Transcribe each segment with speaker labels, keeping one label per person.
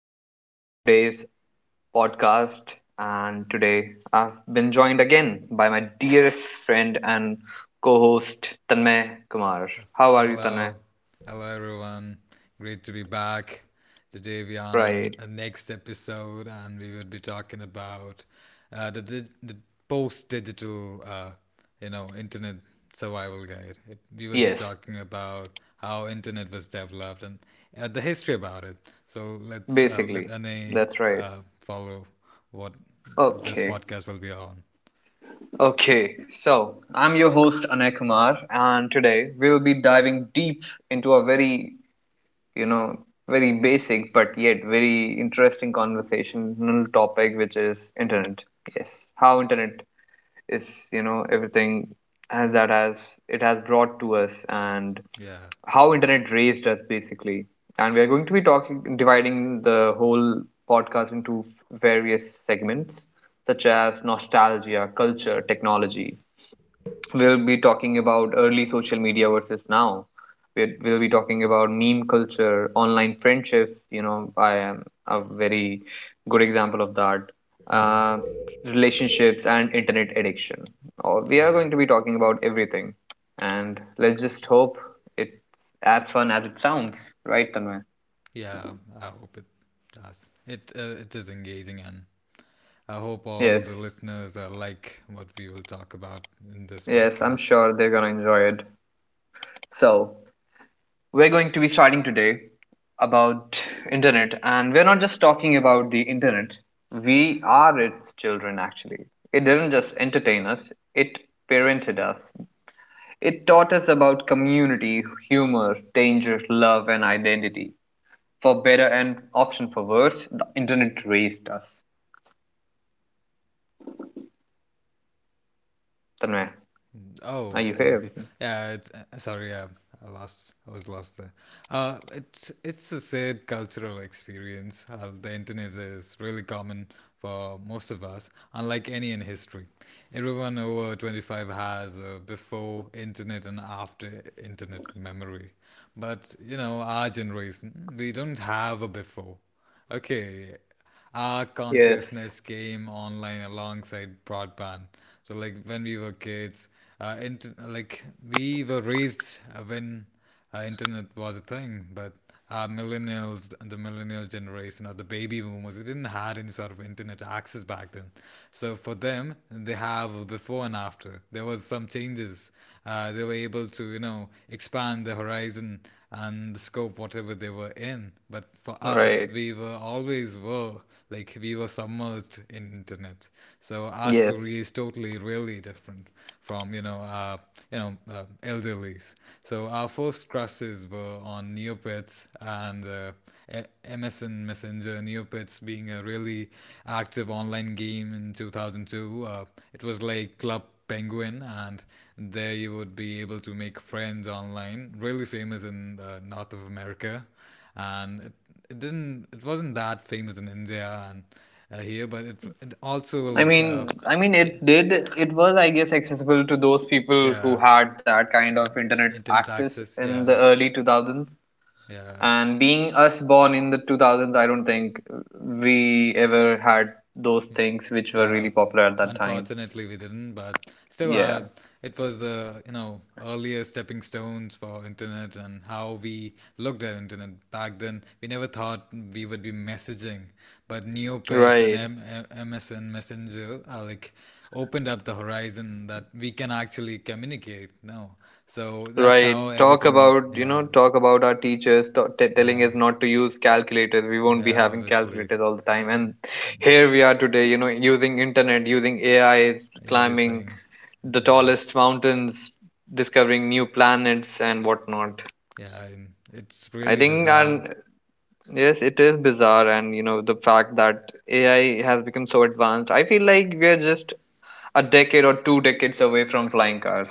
Speaker 1: Back on today's podcast, and today I've been joined again by my dearest friend and co host Tanmay Kumar. How are you, Tanmay?
Speaker 2: Hello, hello everyone. Great to be back. Today we are on
Speaker 1: Right.
Speaker 2: a next episode, and we would be talking about the post digital, internet survival guide. We would be
Speaker 1: Yes,
Speaker 2: talking about how internet was developed and the history about it. So let
Speaker 1: basically.
Speaker 2: Ane
Speaker 1: That's right.
Speaker 2: follow what this
Speaker 1: Okay.
Speaker 2: podcast will be on.
Speaker 1: Okay. So, I'm your host, Anay Kumar, and today we'll be diving deep into a you know, very basic but yet very interesting conversational topic, which is internet. Yes, how internet is, you know, everything that has it has brought to us and
Speaker 2: Yeah,
Speaker 1: how internet raised us basically. And we are going to be talking, dividing the whole podcast into various segments such as nostalgia, culture, technology, we'll be talking about early social media versus now. We'll be talking about meme culture, online friendships. You know, I am a very good example of that. Uh, Relationships and internet addiction. Or we are
Speaker 2: yeah.
Speaker 1: going to be talking about everything, and let's just hope it's as fun as it sounds, right, Tanmay?
Speaker 2: Yeah, I hope it does. It is engaging, and I hope all the
Speaker 1: Yes,
Speaker 2: listeners like what we will talk about in this
Speaker 1: yes, I'm
Speaker 2: podcast.
Speaker 1: sure they're gonna enjoy it. So we're going to be starting today about internet, and we're not just talking about the internet. We are its children actually. It didn't just entertain us, it parented us. It taught us about community, humor, danger, love and identity. For better and often for worse, the internet raised us. Tanmay, are
Speaker 2: Oh,
Speaker 1: you
Speaker 2: okay,
Speaker 1: here?
Speaker 2: okay. Yeah, it's sorry, yeah, I lost. I was lost there. It's a sad cultural experience. The internet is really common for most of us, unlike any in history. Everyone over 25 has a before internet and after internet memory, but you know, our generation, we don't have a before. Okay, our
Speaker 1: Yes.
Speaker 2: consciousness came online alongside broadband. So like when we were kids, like we were raised when internet was a thing, but our millennials, the millennial generation or the baby boomers, they didn't have any sort of internet access back then. So for them, they have a before and after. There was some term changes. They were able to, you know, expand the horizon and the scope, whatever they were in. But for
Speaker 1: All
Speaker 2: us,
Speaker 1: right.
Speaker 2: we were always were like we were submerged in internet. So our
Speaker 1: Yes.
Speaker 2: story is totally, really different from elderlies. So our first crushes were on Neopets and MSN Messenger. Neopets being a really active online game in 2002. It was like club Penguin, and there you would be able to make friends online. Really famous in the north of America, and it didn't it wasn't that famous in India and here, but it also
Speaker 1: I
Speaker 2: like
Speaker 1: mean, I mean,
Speaker 2: yeah,
Speaker 1: it did. It was, I guess, accessible to those people
Speaker 2: yeah,
Speaker 1: who had that kind of internet
Speaker 2: internet
Speaker 1: access
Speaker 2: access,
Speaker 1: in
Speaker 2: yeah,
Speaker 1: the early 2000s.
Speaker 2: yeah.
Speaker 1: And being us born in the 2000s, I don't think we ever had those
Speaker 2: Yes.
Speaker 1: things which were
Speaker 2: Yeah,
Speaker 1: really popular at that time.
Speaker 2: unfortunately we didn't, but still,
Speaker 1: Yeah.
Speaker 2: it was the, you know, earlier stepping stones for internet and how we looked at internet back then. We never thought we would be messaging, but Neopets and
Speaker 1: Right,
Speaker 2: MSN Messenger are like opened up the horizon that we can actually communicate now. So that's how
Speaker 1: right. Talk
Speaker 2: everything.
Speaker 1: about, you
Speaker 2: Yeah,
Speaker 1: know, talk about our teachers telling
Speaker 2: yeah,
Speaker 1: us not to use calculators. We won't be
Speaker 2: yeah.
Speaker 1: having
Speaker 2: Obviously,
Speaker 1: calculators all the time. And here we are today, you know, using internet, using AI, climbing
Speaker 2: everything.
Speaker 1: the
Speaker 2: Yeah.
Speaker 1: tallest mountains, discovering new planets and whatnot.
Speaker 2: Yeah, and it's
Speaker 1: I
Speaker 2: really
Speaker 1: think,
Speaker 2: bizarre.
Speaker 1: and yes, it is bizarre, and you know, the fact that AI has become so advanced, I feel like we are just a decade or two decades away from flying cars.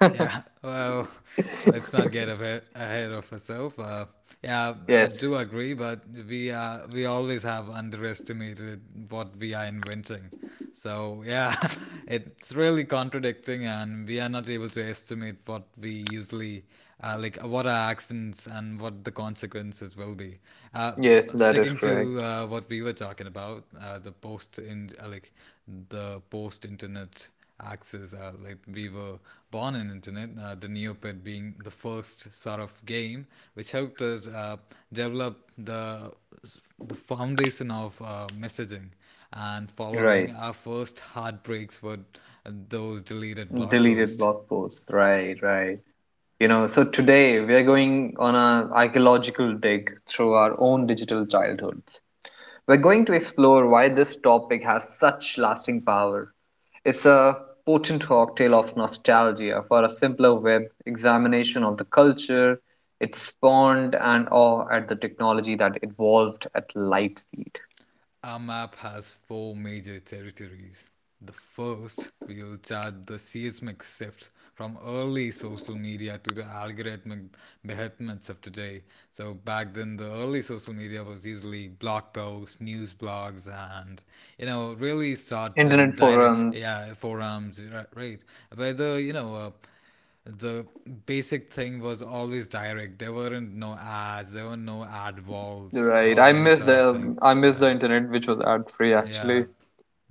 Speaker 2: Yeah, well, let's not get ahead of ourselves. Yeah, I
Speaker 1: Yes,
Speaker 2: do agree, but we always have underestimated what we are inventing. So yeah, it's really contradicting, and we are not able to estimate what we usually what our actions and what the consequences will be. Uh,
Speaker 1: yes, that is
Speaker 2: Sticking to
Speaker 1: correct.
Speaker 2: what we were talking about, the post internet axis, like we were born in internet, the neopet being the first sort of game which helped us develop the foundation of messaging, and following,
Speaker 1: Right.
Speaker 2: our first heartbreaks were those deleted blog
Speaker 1: Deleted
Speaker 2: posts.
Speaker 1: blog posts. Right, right. You know, so today we are going on a archaeological dig through our own digital childhoods. We're going to explore why this topic has such lasting power. It's a potent cocktail of nostalgia for a simpler web, examination of the culture it spawned, and awe at the technology that evolved at light speed.
Speaker 2: Our map has four major territories. The first we will chart the seismic shift from early social media to the algorithmic behemoths of today. So back then, the early social media was usually blog posts, news blogs, and you know really short and
Speaker 1: Internet
Speaker 2: direct,
Speaker 1: forums,
Speaker 2: yeah, forums, right? But the you know. The basic thing was always direct. There weren't no ads, there were no ad walls
Speaker 1: right?
Speaker 2: or
Speaker 1: I
Speaker 2: any
Speaker 1: miss
Speaker 2: sort of thing.
Speaker 1: the I miss
Speaker 2: Yeah.
Speaker 1: the internet, which was ad free actually.
Speaker 2: Yeah.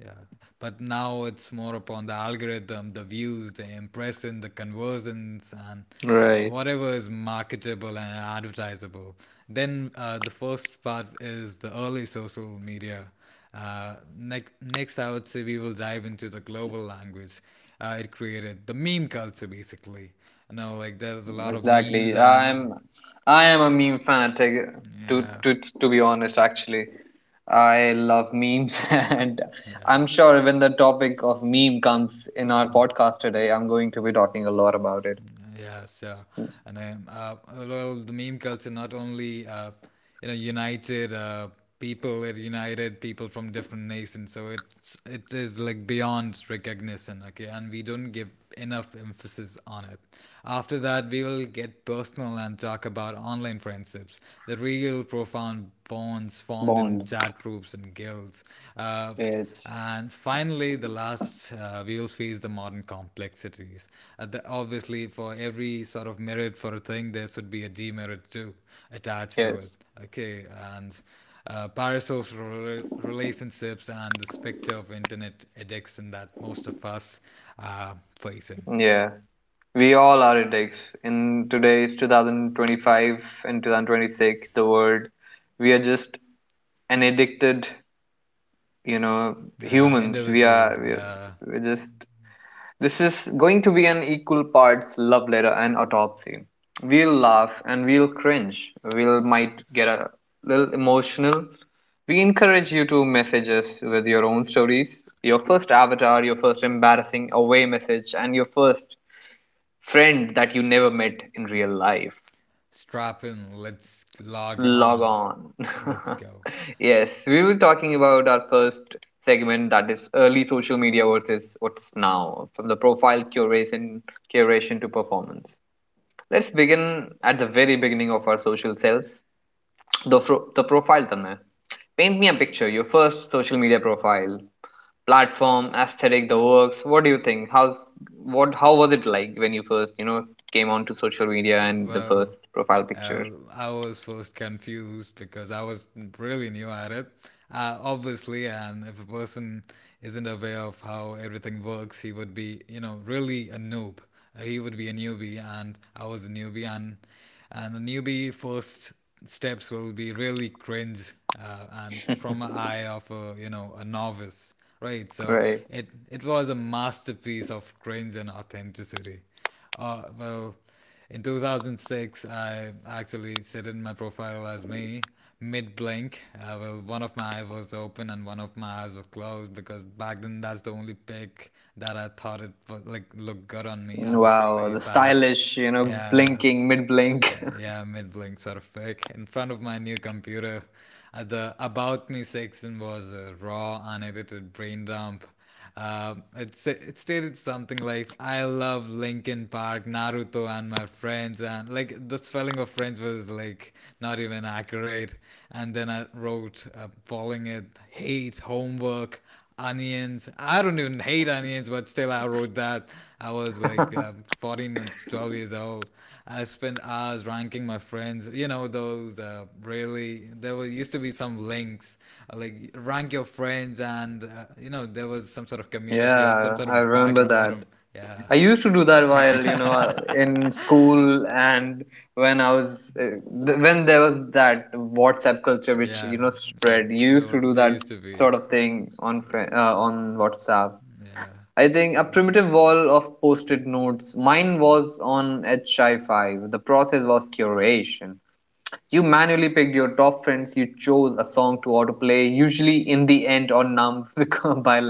Speaker 2: Yeah. But now it's more upon the algorithm, the views, the impression, the conversions, and
Speaker 1: Right.
Speaker 2: whatever is marketable and advertisable. Then the first part is the early social media. Next, I would say we will dive into the global language it created, the meme culture, basically. You know, like there's a lot of memes
Speaker 1: Exactly.
Speaker 2: and
Speaker 1: I'm I am a meme fanatic to
Speaker 2: yeah,
Speaker 1: to to be honest actually. I love memes and
Speaker 2: yeah.
Speaker 1: I'm sure when the topic of meme comes in our podcast today, I'm going to be talking a lot about it.
Speaker 2: Yes, yeah. And then, well, the meme culture not only united people, it united people from different nations. So it is like beyond recognition. Okay, and we don't give enough emphasis on it. After that, we will get personal and talk about online friendships, the real profound bonds formed in
Speaker 1: Bond.
Speaker 2: chat groups and guilds. Uh,
Speaker 1: Yes.
Speaker 2: and finally, the last, we will face the modern complexities. Obviously, for every sort of merit for a thing, there should be a demerit too attached to it.
Speaker 1: Yes.
Speaker 2: Okay, and parasocial relationships and the specter of internet addiction that most of us are facing.
Speaker 1: Yeah. We all are addicts. In today's 2025 and 2026, the world, we are just an addicted, you know, humans. We
Speaker 2: Individual,
Speaker 1: are, we are
Speaker 2: yeah,
Speaker 1: we're just this is going to be an equal parts love letter and autopsy. We'll laugh and we'll cringe. We'll might get a little emotional. We encourage you to message us with your own stories, your first avatar, your first embarrassing away message, and your first friend that you never met in real life.
Speaker 2: strap in, let's log
Speaker 1: Log
Speaker 2: on,
Speaker 1: on.
Speaker 2: let's go.
Speaker 1: Yes, we were talking about our first segment, that is early social media versus what's now, from the profile curation to performance. Let's begin at the very beginning of our social selves. The profile tanna. Paint me a picture, your first social media profile, platform, aesthetic, the works. What do you think? How was it like when you first, you know, came onto social media and the first
Speaker 2: Well,
Speaker 1: profile picture?
Speaker 2: uh, I was first confused because I was really new at it. Obviously, and if a person isn't aware of how everything works, he would be, you know, really a noob. He would be a newbie, and I was a newbie, and a newbie first steps will be really cringe, and from an eye of a, you know, a novice, right? So
Speaker 1: Right.
Speaker 2: it was a masterpiece of cringe and authenticity. Well, in 2006, I actually set in my profile as me mid blink. Well, one of my eyes was open and one of my eyes was closed because back then that's the only pic that I thought it would like look good on me. I was
Speaker 1: Wow,
Speaker 2: really
Speaker 1: the
Speaker 2: bad.
Speaker 1: stylish, you know,
Speaker 2: Yeah,
Speaker 1: blinking, mid blink.
Speaker 2: yeah, yeah, mid blinks are fake. In front of my new computer, the About Me section was a raw, unedited brain dump. It it stated something like, I love Linkin Park, Naruto, and my friends. And like the spelling of friends was like not even accurate. And then I wrote, following it, hate, homework, onions. I don't even hate onions, but still, I wrote that. I was like 14 and 12 years old. I spent hours ranking my friends. You know, those used to be some links, like rank your friends, and, you know, there was some sort of community or some
Speaker 1: Yeah,
Speaker 2: sort
Speaker 1: I
Speaker 2: of
Speaker 1: remember
Speaker 2: background. I
Speaker 1: that.
Speaker 2: don't, yeah,
Speaker 1: I used to do that while, you know, in school and when I was, when there was that WhatsApp culture which,
Speaker 2: yeah,
Speaker 1: you know,
Speaker 2: yeah.
Speaker 1: spread. You used to do
Speaker 2: There
Speaker 1: that
Speaker 2: used to be,
Speaker 1: sort of thing on on WhatsApp.
Speaker 2: yeah.
Speaker 1: I think a primitive wall of post-it notes. Mine was on HI5. The process was curation. You manually picked your top friends, you chose a song to autoplay, usually in the end or numb by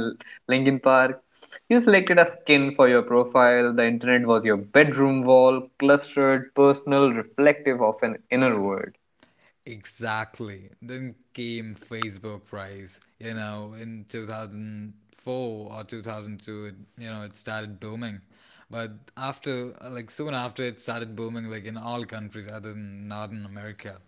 Speaker 1: Linkin Park. You selected a skin for your profile, the internet was your bedroom wall, clustered, personal, reflective of an inner world.
Speaker 2: Exactly. Then came Facebook rise. You know, in 2004 or 2002, you know, it started booming. But after, like, soon after it started booming, like, in all countries other than Northern America.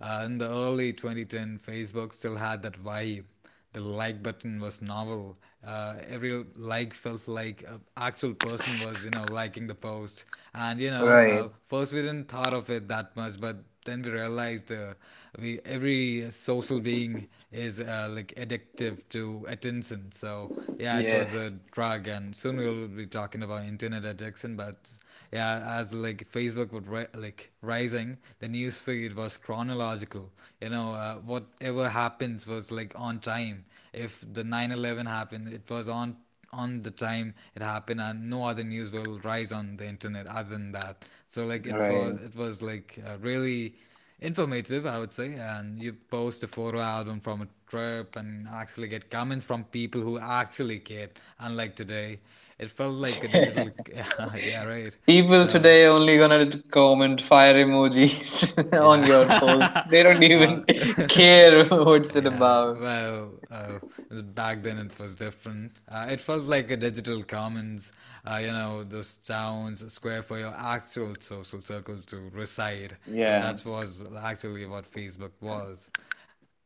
Speaker 2: In the early 2010, Facebook still had that vibe. The like button was novel. Every like felt like an actual person was, you know, liking the post. And you know,
Speaker 1: Right.
Speaker 2: first we didn't thought of it that much, but then we realized we every social being is like addictive to attention. So yeah, it was a
Speaker 1: Yes.
Speaker 2: drug, and soon we will be talking about internet addiction. But yeah, as like facebook like rising, the news feed was chronological, you know, whatever happens was like on time. If the 9/11 happened, it was on the time it happened, and no other news will rise on the internet other than that. So like
Speaker 1: Right.
Speaker 2: it was like, really informative, I would say, and you post a photo album from a trip and actually get comments from people who actually cared, unlike today. It felt like a digital. yeah, right.
Speaker 1: People
Speaker 2: So
Speaker 1: today only gonna comment fire emojis on
Speaker 2: yeah,
Speaker 1: your post. They don't
Speaker 2: uh,
Speaker 1: even care what's it
Speaker 2: yeah.
Speaker 1: about.
Speaker 2: Well, back then it was different. It felt like a digital commons. You know, those towns, square for your actual social circle to reside, and
Speaker 1: Yeah.
Speaker 2: that was actually what Facebook was.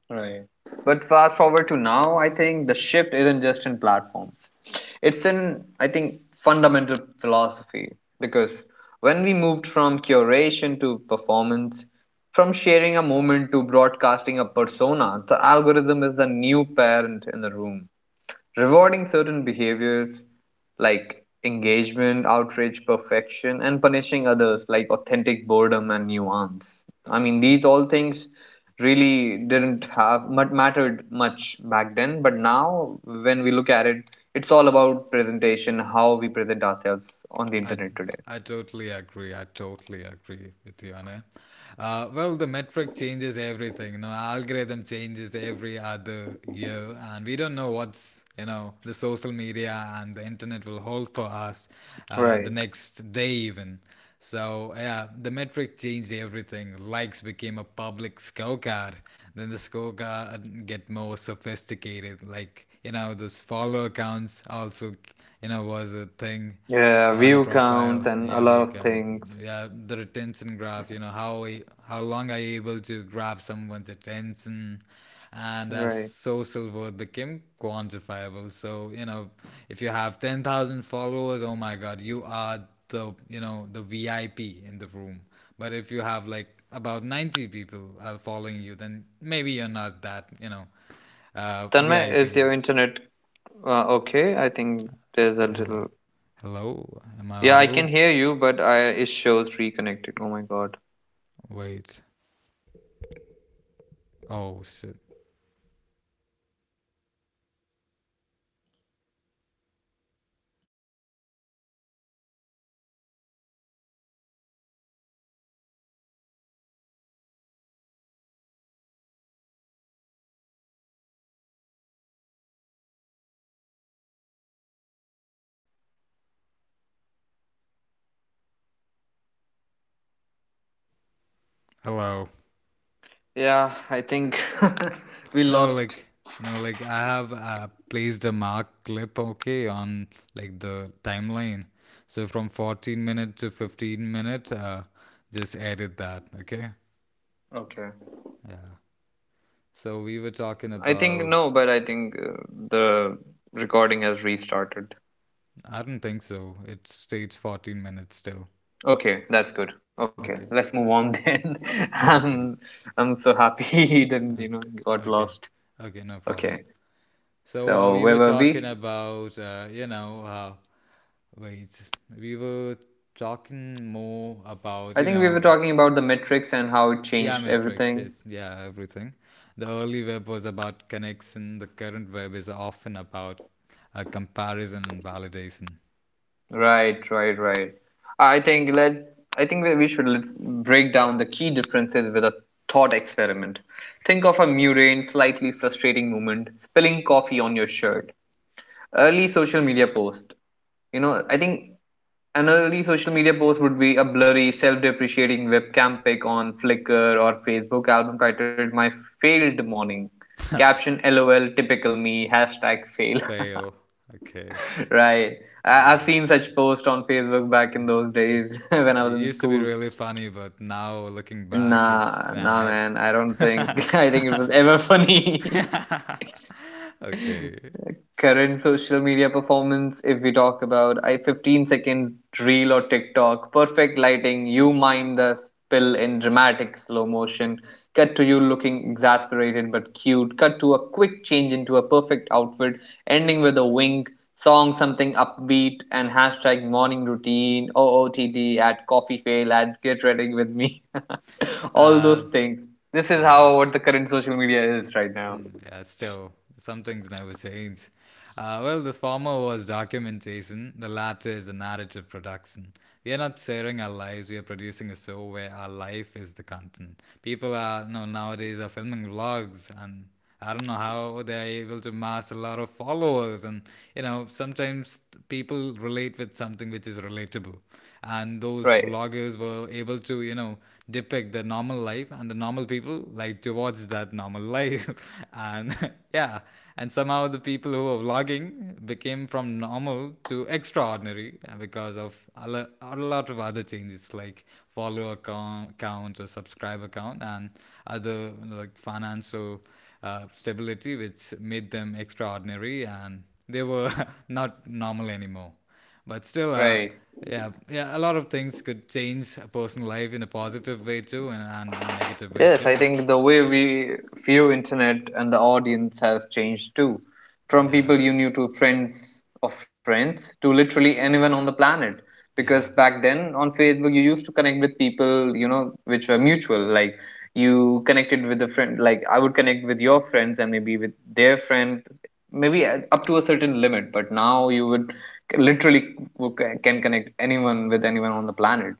Speaker 1: Right. But fast forward to now, I think the shift isn't just in platforms. It's in, I think, fundamental philosophy. Because when we moved from curation to performance, from sharing a moment to broadcasting a persona, the algorithm is the new parent in the room. Rewarding certain behaviors like engagement, outrage, perfection, and punishing others like authentic boredom and nuance. I mean, these all things really didn't have much mattered much back then, but now when we look at it, it's all about presentation, how we present ourselves on the
Speaker 2: I
Speaker 1: internet today.
Speaker 2: I totally agree. I totally agree with you, Anna. Well, the metric changes everything. You know, algorithm changes every other year, and we don't know what's, you know, the social media and the internet will hold for us the
Speaker 1: Right.
Speaker 2: next day even. So yeah, the metric changed everything. Likes became a public scorecard. Then the scorecard get more sophisticated. Like you know, those follower counts also, you know, was a thing
Speaker 1: Yeah,
Speaker 2: on a
Speaker 1: view counts
Speaker 2: profile,
Speaker 1: and a
Speaker 2: yeah,
Speaker 1: lot
Speaker 2: we
Speaker 1: of
Speaker 2: can,
Speaker 1: things.
Speaker 2: yeah, the retention graph, you know, how long are you able to grab someone's attention, and as
Speaker 1: Right.
Speaker 2: social worth became quantifiable, so, you know, if you have 10,000 followers, oh my god, you are the, you know, the vip in the room, but if you have like about 90 people are following you, then maybe you're not that, you know,
Speaker 1: Tanmay,
Speaker 2: vip.
Speaker 1: is your internet okay? I think there's a
Speaker 2: Hello,
Speaker 1: little.
Speaker 2: hello, am I
Speaker 1: Yeah, I can
Speaker 2: audible?
Speaker 1: hear you, but
Speaker 2: Wait. Oh shit. Hello.
Speaker 1: yeah, I think we
Speaker 2: No,
Speaker 1: lost.
Speaker 2: like no, like I have placed a mark clip okay on like the timeline. So from 14 minute to 15 minute, just edit that. Okay.
Speaker 1: Okay.
Speaker 2: Yeah. So we were talking
Speaker 1: I think
Speaker 2: about.
Speaker 1: no, but I think the recording has restarted.
Speaker 2: I don't think so. It states 14 minutes still.
Speaker 1: Okay, that's good. Okay, let's
Speaker 2: Okay.
Speaker 1: move on then. I'm
Speaker 2: Okay.
Speaker 1: I'm so happy he didn't, you know,
Speaker 2: Okay.
Speaker 1: got
Speaker 2: Okay.
Speaker 1: lost.
Speaker 2: Okay. No
Speaker 1: Okay,
Speaker 2: problem. So
Speaker 1: so
Speaker 2: we
Speaker 1: where
Speaker 2: were
Speaker 1: were
Speaker 2: talking
Speaker 1: we?
Speaker 2: about you know how. Wait, we were talking more about,
Speaker 1: I
Speaker 2: you
Speaker 1: think we were
Speaker 2: know,
Speaker 1: talking about the metrics and how it
Speaker 2: yeah,
Speaker 1: changed
Speaker 2: metrics,
Speaker 1: everything.
Speaker 2: yes, yeah, everything. The early web was about connection, the current web is often about comparison and validation.
Speaker 1: Right, right, right. I think let's. I think that we should let's break down the key differences with a thought experiment. Think of a mundane, slightly frustrating moment: spilling coffee on your shirt. Early social media post. You know, I think an early social media post would be a blurry, self-depreciating webcam pic on Flickr or Facebook album titled "My Failed Morning." Caption: "LOL, typical me." Hashtag fail.
Speaker 2: Fail, okay.
Speaker 1: Right. I've
Speaker 2: Yeah.
Speaker 1: seen such posts on Facebook back in those days when I was
Speaker 2: It
Speaker 1: in
Speaker 2: used to be
Speaker 1: school.
Speaker 2: really funny, but now looking back, it's,
Speaker 1: Nah, nah,
Speaker 2: nah,
Speaker 1: man.
Speaker 2: it's.
Speaker 1: I don't think I think it was ever funny.
Speaker 2: Okay.
Speaker 1: Current social media performance, if we talk about I 15 second reel or tiktok, perfect lighting, you mime the spill in dramatic slow motion, cut to you looking exasperated but cute, cut to a quick change into a perfect outfit, ending with a wink, song something upbeat, and hashtag morning routine ootd at coffee fail at get ready with me all
Speaker 2: Uh,
Speaker 1: those things. This is
Speaker 2: yeah.
Speaker 1: how what the current social media is right now.
Speaker 2: Yeah, still, some things never change. The former was documentation, the latter is the narrative production. We are not sharing our lives, we are producing a show where our life is the content. People are, nowadays are filming vlogs, and I don't know how they are able to mass a lot of followers. And sometimes people relate with something which is relatable. And those
Speaker 1: Right,
Speaker 2: vloggers were able to, depict the normal life, and the normal people like to watch that normal life. And yeah, and somehow the people who were vlogging became from normal to extraordinary because of a lot of other changes like follower count, count or subscriber count, and other like financial stability, which made them extraordinary, and they were not normal anymore. But still,
Speaker 1: right.
Speaker 2: yeah, yeah, a lot of things could change a person's life in a positive way too, and in a negative way
Speaker 1: Yes, I
Speaker 2: too.
Speaker 1: think the way we view internet and the audience has changed too. From
Speaker 2: Yeah,
Speaker 1: people you knew to friends of friends to literally anyone on the planet. Because
Speaker 2: yeah,
Speaker 1: back then on Facebook you used to connect with people, you know, which were mutual. Like you connected with a friend, like I would connect with your friends and maybe with their friend, maybe at- up to a certain limit. But now you would literally can connect anyone with anyone on the planet.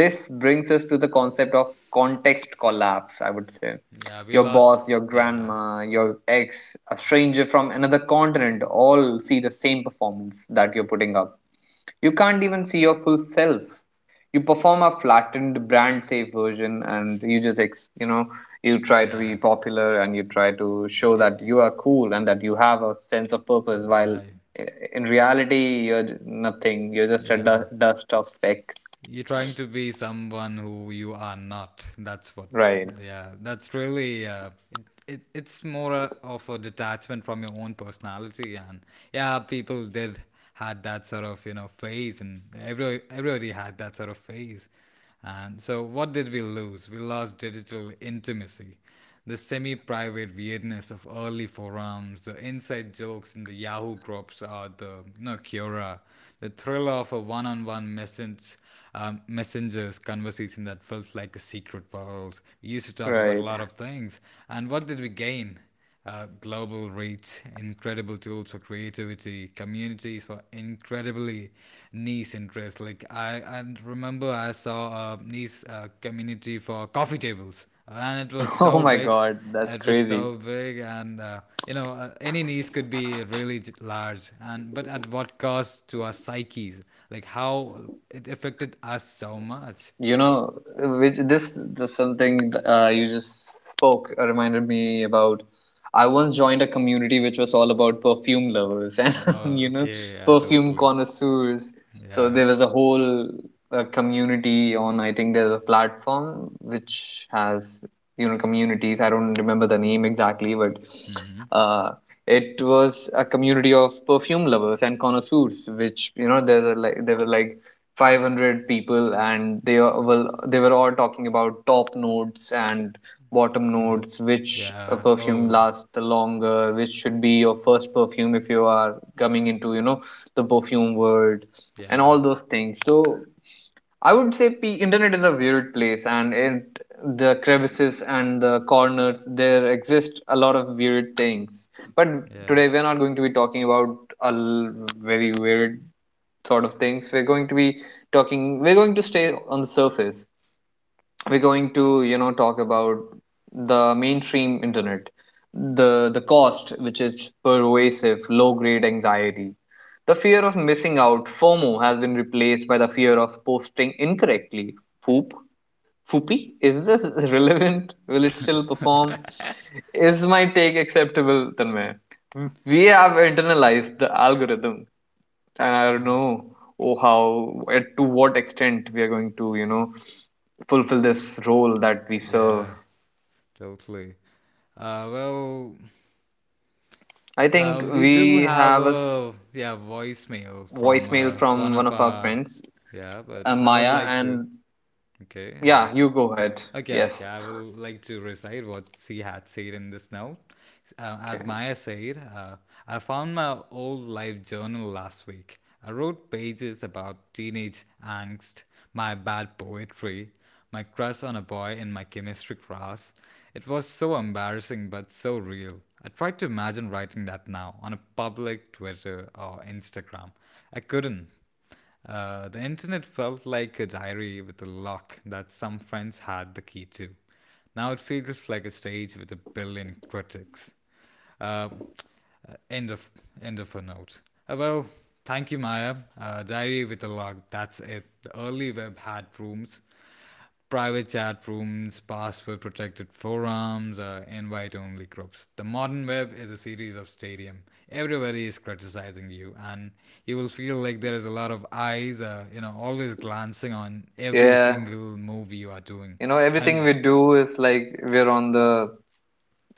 Speaker 1: This brings us to the concept of context collapse, I would say.
Speaker 2: yeah. We
Speaker 1: Your boss,
Speaker 2: lost.
Speaker 1: your
Speaker 2: Yeah,
Speaker 1: grandma, your ex, a stranger from another continent all see the same performance that you're putting up. You can't even see your full self. You perform a flattened, brand safe version and you just, you know, you try to
Speaker 2: yeah,
Speaker 1: be popular and you try to show
Speaker 2: you,
Speaker 1: that you are cool and that you have a sense of purpose while
Speaker 2: yeah,
Speaker 1: eh, in reality you're nothing. You're just a
Speaker 2: yeah.
Speaker 1: dust of speck.
Speaker 2: You're trying to be someone who you are not. That's what.
Speaker 1: Right.
Speaker 2: Yeah, that's really. It's more of a detachment from your own personality, and yeah, people did had that sort of phase, and everybody had that sort of phase. And so, what did we lose? We lost digital intimacy, the semi-private weirdness of early forums, the inside jokes in the Yahoo groups, or the Cura, the thrill of a one-on-one message, messengers conversation that felt like a secret world. We used to talk about a
Speaker 1: Right.
Speaker 2: lot of things, and what did we gain? Uh, global reach, incredible tools for creativity, communities for incredibly niche interests. Like I remember I saw a niche community for coffee tables, and it was
Speaker 1: Oh
Speaker 2: so
Speaker 1: my
Speaker 2: big.
Speaker 1: God, that's
Speaker 2: It was
Speaker 1: crazy.
Speaker 2: so big, and any niche could be really large, and but at what cost to our psyches? Like how it affected us so much.
Speaker 1: You know, which this the something you just spoke reminded me about. I once joined a community which was all about perfume lovers and
Speaker 2: Oh,
Speaker 1: you know,
Speaker 2: okay, yeah,
Speaker 1: perfume
Speaker 2: totally.
Speaker 1: connoisseurs. So
Speaker 2: Yeah.
Speaker 1: there was a whole community on. I think there's a platform which has you know communities. I don't remember the name exactly, but
Speaker 2: Mm-hmm.
Speaker 1: uh, It was a community of perfume lovers and connoisseurs, which you know there were like 500 people, and they were well, they were all talking about top notes and bottom
Speaker 2: Okay.
Speaker 1: notes, which a
Speaker 2: Yeah.
Speaker 1: perfume
Speaker 2: Oh,
Speaker 1: lasts the longer, which should be your first perfume if you are coming into you know the perfume world, and
Speaker 2: yeah,
Speaker 1: all those things. So I would say internet is a weird place, and it the crevices and the corners there exist a lot of weird things. But
Speaker 2: yeah,
Speaker 1: today we're not going to be talking about a l- very weird sort of things. We're going to be talking. We're going to stay on the surface. We're going to talk about the mainstream internet, the cost, which is pervasive low grade anxiety. The fear of missing out, FOMO, has been replaced by the fear of posting incorrectly. Foop foopy is this relevant? Will it still perform? Is my take acceptable, Tanmay? We have internalized the algorithm, and I don't
Speaker 2: yeah,
Speaker 1: know oh how at to what extent we are going to fulfill this role that we serve.
Speaker 2: yeah, totally. Uh, well,
Speaker 1: I think
Speaker 2: we do
Speaker 1: we have
Speaker 2: have
Speaker 1: a
Speaker 2: a yeah voicemail from
Speaker 1: voicemail from
Speaker 2: one
Speaker 1: one
Speaker 2: of
Speaker 1: of our
Speaker 2: our
Speaker 1: friends,
Speaker 2: yeah, but I would
Speaker 1: Maya,
Speaker 2: like to
Speaker 1: and
Speaker 2: okay uh,
Speaker 1: yeah, you go ahead.
Speaker 2: okay, okay.
Speaker 1: Yes.
Speaker 2: I will like to recite what she had said in this note.
Speaker 1: Okay.
Speaker 2: As Maya said, I found my old life journal last week. I wrote pages about teenage angst, my bad poetry, my crush on a boy in my chemistry class. It was so embarrassing but so real. I tried to imagine writing that now on a public Twitter or Instagram. I couldn't. The internet felt like a diary with a lock that some friends had the key to. Now it feels like a stage with a billion critics. Uh, end of end of a note. Uh, well, thank you, Maya. Diary with a lock. That's it. The early web had rooms, private chat rooms, password protected forums, invite only groups. The modern web is a series of stadium. Everybody is criticizing you, and you will feel like there is a lot of eyes, always glancing on every
Speaker 1: Yeah,
Speaker 2: single move you are doing.
Speaker 1: you know, everything
Speaker 2: And
Speaker 1: we do is like we're on the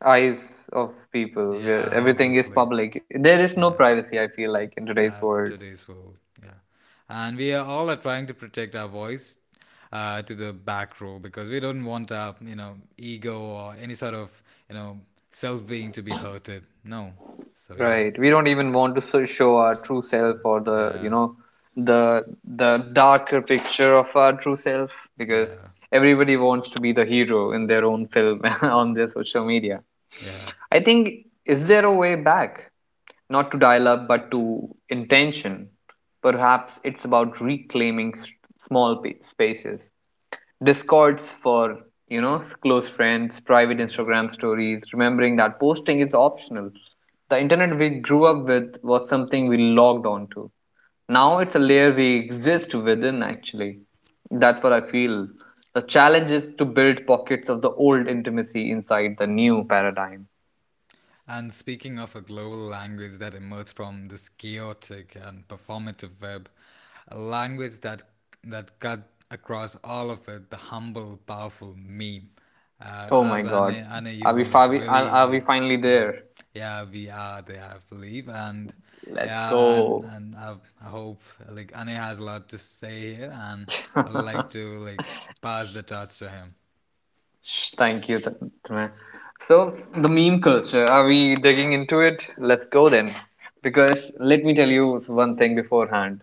Speaker 1: eyes of people.
Speaker 2: yeah,
Speaker 1: Everything is
Speaker 2: obviously,
Speaker 1: public. There is no
Speaker 2: yeah.
Speaker 1: privacy, I feel, like, in today's
Speaker 2: Yeah,
Speaker 1: world.
Speaker 2: today's world. Yeah, and we are all are trying to protect our voice to the back row because we don't want our ego or any sort of you know self being to be hurted. No, so yeah,
Speaker 1: Right. We don't even want to show our true self, or the, you
Speaker 2: yeah,
Speaker 1: know, the the darker picture of our true self, because
Speaker 2: yeah,
Speaker 1: everybody wants to be the hero in their own film on their social media.
Speaker 2: yeah.
Speaker 1: I think, is there a way back? Not to dial up, but to intention. Perhaps it's about reclaiming small spaces, Discords for, you know, close friends, private
Speaker 2: Mm-hmm.
Speaker 1: Instagram stories, remembering that posting is optional. The internet we grew up with was something we logged onto; now it's a layer we exist within. Actually, that's what I feel. The challenge is to build pockets of the old intimacy inside the new paradigm.
Speaker 2: And speaking of a global language that emerged from this chaotic and performative web, a language that cut across all of it, the humble, powerful meme.
Speaker 1: Oh my
Speaker 2: As
Speaker 1: god,
Speaker 2: I know, you were like
Speaker 1: are we
Speaker 2: really,
Speaker 1: finally
Speaker 2: yeah,
Speaker 1: there?
Speaker 2: yeah, we are there, I believe, and
Speaker 1: Let's
Speaker 2: yeah,
Speaker 1: go.
Speaker 2: and I hope like Ane has a lot to say here, and I'd like to like pass the torch to him.
Speaker 1: Thank you, Tanmay. So, the meme culture, are we digging into it? Let's go, then. Because let me tell you one thing beforehand.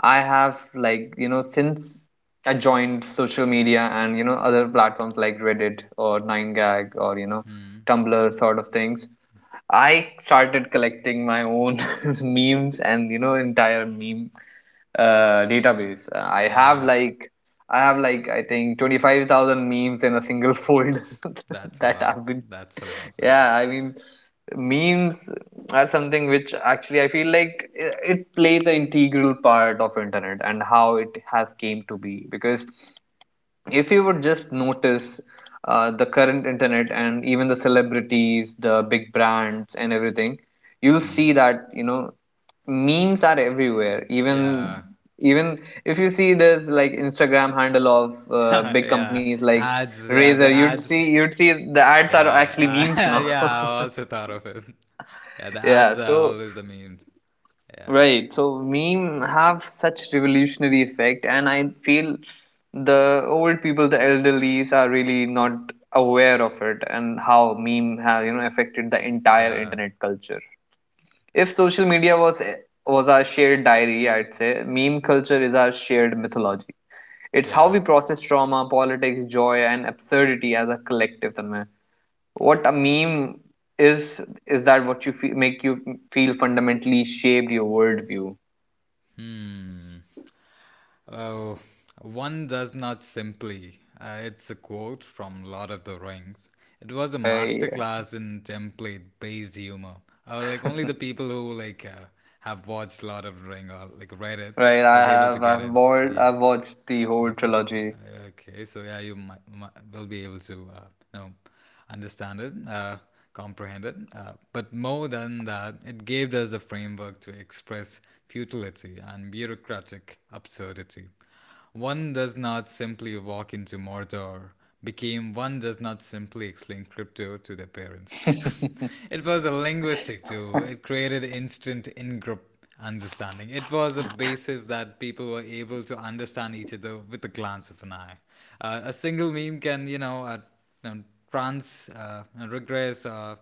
Speaker 1: I have, like, you know, since I joined social media and, you know, other platforms like Reddit or 9gag, or, you know, Tumblr sort of things, I started collecting my own memes and, you know, entire meme database. I have
Speaker 2: Yeah,
Speaker 1: like I have like, I think, 25,000 memes in a single folder
Speaker 2: that's a
Speaker 1: that
Speaker 2: lot.
Speaker 1: I've been.
Speaker 2: That's a lot. Is
Speaker 1: Yeah, I mean, memes are something which, actually, I feel like it plays an integral part of internet and how it has came to be, because if you would just notice, the current internet and even the celebrities, the big brands and everything, you'll see that, you know, memes are everywhere. even
Speaker 2: yeah,
Speaker 1: even if you see this, like, Instagram handle of big
Speaker 2: yeah,
Speaker 1: companies like
Speaker 2: ads. Yeah,
Speaker 1: Razer,
Speaker 2: the
Speaker 1: you'd see
Speaker 2: ads.
Speaker 1: you'd see the ads are actually memes now.
Speaker 2: Yeah. I also thought of it. Yeah, the
Speaker 1: Yeah,
Speaker 2: ads are
Speaker 1: so,
Speaker 2: always the memes. Yeah,
Speaker 1: right, so meme have such revolutionary effect, and I feel the old people, the elderlies, are really not aware of it and how meme have, you know, affected the entire
Speaker 2: yeah,
Speaker 1: internet culture. If social media was our shared diary, I'd say meme culture is our shared mythology. It's how
Speaker 2: yeah.
Speaker 1: we process trauma, politics, joy, and absurdity as a collective. Tanmay. What a meme is that what you feel, make you feel, fundamentally shaped your worldview.
Speaker 2: Oh, one does not simply. It's a quote from Lord of the Rings. It was a
Speaker 1: Hey,
Speaker 2: masterclass in template-based humor. Like only the people who like have watched Lord of the Ring or like read it
Speaker 1: right.
Speaker 2: was able to get
Speaker 1: I've
Speaker 2: it.
Speaker 1: bored.
Speaker 2: Yeah,
Speaker 1: I've watched the whole
Speaker 2: okay.
Speaker 1: trilogy.
Speaker 2: Okay. So yeah, might will be able to you know understand it, comprehend it. But more than that, it gave us a framework to express futility and bureaucratic absurdity. One does not simply walk into Mordor. Became one does not simply explain crypto to their parents. It was a linguistic tool. It created instant understanding. It was a basis that people were able to understand each other with a glance of an eye. A single meme can, you know, regress,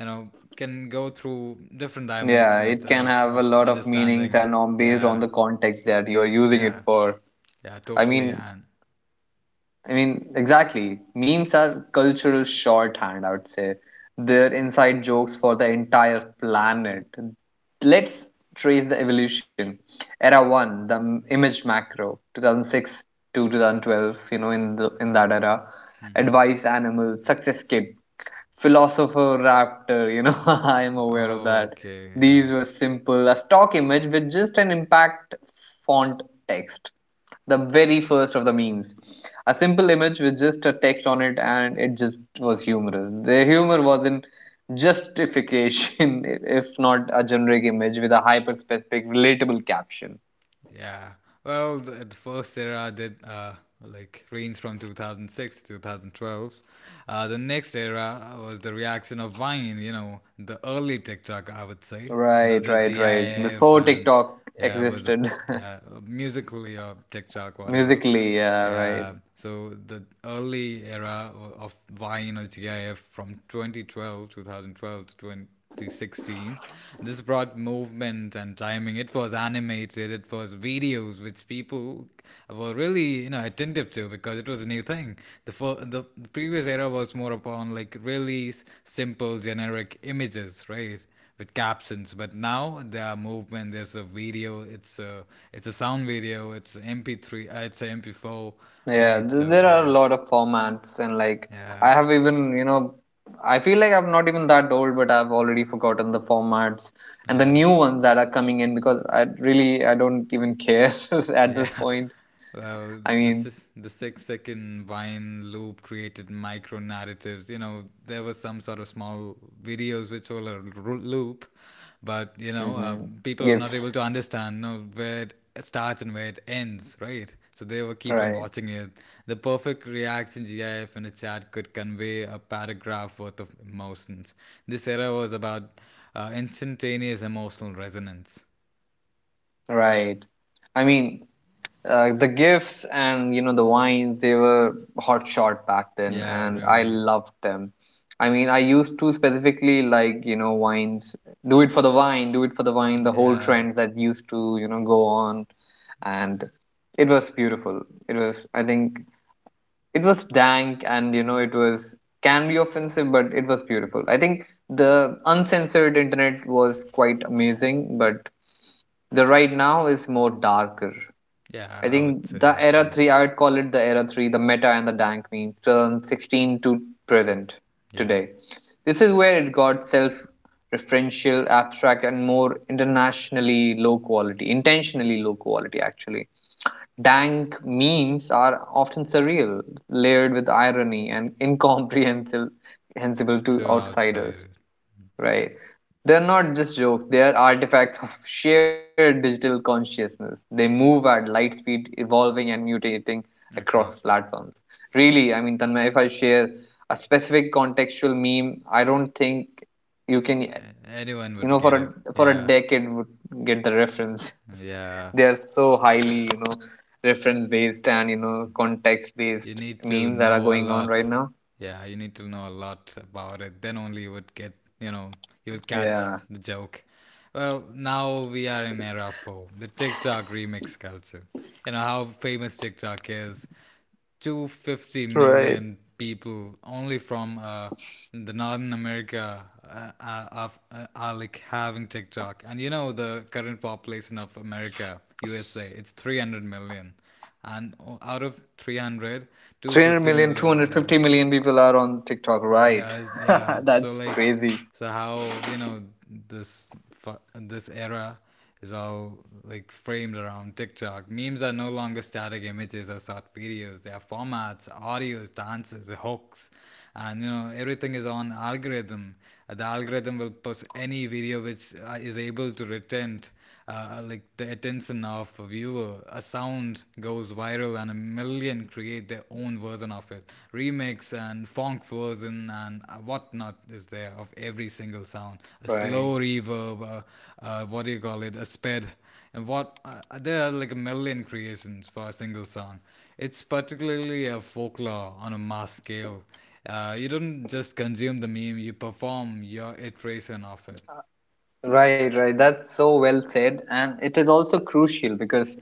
Speaker 2: can go through different
Speaker 1: Yeah,
Speaker 2: dimensions
Speaker 1: it can have a
Speaker 2: of
Speaker 1: lot of meanings,
Speaker 2: understanding.
Speaker 1: and on based on
Speaker 2: Yeah,
Speaker 1: the context that you are using
Speaker 2: yeah,
Speaker 1: it for.
Speaker 2: yeah,
Speaker 1: I
Speaker 2: totally.
Speaker 1: mean,
Speaker 2: And
Speaker 1: I mean, exactly. Memes are cultural shorthand, I would say. They're inside jokes for the entire planet. Let's trace the evolution. Era 1, the image macro, 2006 to 2012, you know, in that era.
Speaker 2: hmm
Speaker 1: Advice animal, success kid, philosopher raptor, you know, I'm aware of that.
Speaker 2: okay, yeah.
Speaker 1: These were simple, a stock image with just an impact font text, the very first of the memes. A simple image with just a text on it, and it just was humorous. The humor was in justification, if not a generic image with a hyper specific, relatable caption.
Speaker 2: Yeah. Well, the first era did like range from 2006 to 2012. The next era was the reaction of Vine, you know, the early TikTok, I would say. You know,
Speaker 1: Right,
Speaker 2: the
Speaker 1: right, right.
Speaker 2: GIF
Speaker 1: Before
Speaker 2: and
Speaker 1: TikTok
Speaker 2: yeah, was a
Speaker 1: existed,
Speaker 2: yeah, musically or TikTok, whatever.
Speaker 1: musically, yeah, right.
Speaker 2: Yeah, so the early era of wine or GIF from 2012 to 2016, this brought movement and timing. It was animated, it was videos which people were really, you know, attentive to because it was a new thing. The previous era was more upon like really simple generic images, right? With captions, but now they are movement, there's a video, it's a sound video, it's mp3, it's a M P 4,
Speaker 1: Yeah,
Speaker 2: right? So
Speaker 1: there are a
Speaker 2: yeah,
Speaker 1: lot of formats, and like,
Speaker 2: yeah,
Speaker 1: I have even, you know, I feel like I'm not even that old, but I've already forgotten the formats and the
Speaker 2: yeah.
Speaker 1: new ones that are coming in, because I really, I don't even care at
Speaker 2: Yeah.
Speaker 1: this point.
Speaker 2: Well,
Speaker 1: I mean,
Speaker 2: the 6 second Vine loop created micro narratives. You know, there was some sort of small videos which were a loop, but you know,
Speaker 1: hmm
Speaker 2: people were not able
Speaker 1: gifts,
Speaker 2: to understand you know where it starts and where it ends, right? So they will keep on
Speaker 1: right,
Speaker 2: watching it. The perfect reaction GIF in a chat could convey a paragraph worth of emotions. This era was about instantaneous emotional resonance.
Speaker 1: right. I mean, the gifts and, you know, the wines, they were hot shot back then,
Speaker 2: Yeah,
Speaker 1: and I
Speaker 2: really.
Speaker 1: loved them. I mean, I used to specifically, like, you know, wines. Do it for the wine, do it for the wine, the whole
Speaker 2: Yeah.
Speaker 1: trend that used to, you know, go on. And it was beautiful. It was, I think, it was dank, and, you know, it was, can be offensive, but it was beautiful. I think the uncensored internet was quite amazing, but the right now is more darker.
Speaker 2: Yeah,
Speaker 1: I
Speaker 2: I
Speaker 1: think
Speaker 2: would say
Speaker 1: the
Speaker 2: that
Speaker 1: era
Speaker 2: too.
Speaker 1: three, I would call it the era three, the meta and the dank memes, 2016 to present
Speaker 2: Yeah,
Speaker 1: today. This is where it got self referential, abstract, and more internationally low quality, intentionally low quality, actually. Dank memes are often surreal, layered with irony, and incomprehensible to
Speaker 2: to
Speaker 1: outsiders.
Speaker 2: outside
Speaker 1: Right. They're not just jokes, they are artifacts of shared digital consciousness. They move at light speed, evolving and mutating across
Speaker 2: across,
Speaker 1: platforms. Really, I mean, Tanmay, if I share a contextual meme, I don't think you can,
Speaker 2: a- anyone
Speaker 1: you
Speaker 2: would
Speaker 1: know, for
Speaker 2: get it.
Speaker 1: a for a
Speaker 2: Yeah,
Speaker 1: decade would get the reference.
Speaker 2: yeah.
Speaker 1: They are so highly, you know, reference based and, you know, context
Speaker 2: You
Speaker 1: based
Speaker 2: need to
Speaker 1: memes that are
Speaker 2: know a
Speaker 1: going on right
Speaker 2: lot.
Speaker 1: now.
Speaker 2: Yeah, you need to know a lot about it. Then only you would get, you know, you'll catch
Speaker 1: Yeah.
Speaker 2: the joke. Well, now we are in era four, the TikTok remix culture. You know how famous TikTok is. 250
Speaker 1: Right.
Speaker 2: million people only from the Northern America are like having TikTok. And you know the current population of America, USA, it's 300 million, and out of 300, two
Speaker 1: Three hundred
Speaker 2: fifty
Speaker 1: million, two
Speaker 2: million,
Speaker 1: hundred fifty million people are on TikTok,
Speaker 2: yeah,
Speaker 1: right?
Speaker 2: yeah, yeah, so
Speaker 1: That's
Speaker 2: like,
Speaker 1: crazy.
Speaker 2: so how you know this era is all like framed around TikTok. Memes are no longer static images or short videos, they are formats, audios, dances, hooks, and you know everything is on algorithm. The algorithm will post any video which is able to retain like the attention of a viewer. A sound goes viral and a million create their own version of it. Remix and funk version and whatnot is there of every single sound. A slow
Speaker 1: Right.
Speaker 2: reverb, what do you call it, a sped. And what there are like a million creations for a single song. It's particularly a folklore on a mass scale. You don't just consume the meme; you perform your iteration of it.
Speaker 1: Right. That's so well said. And it is also crucial because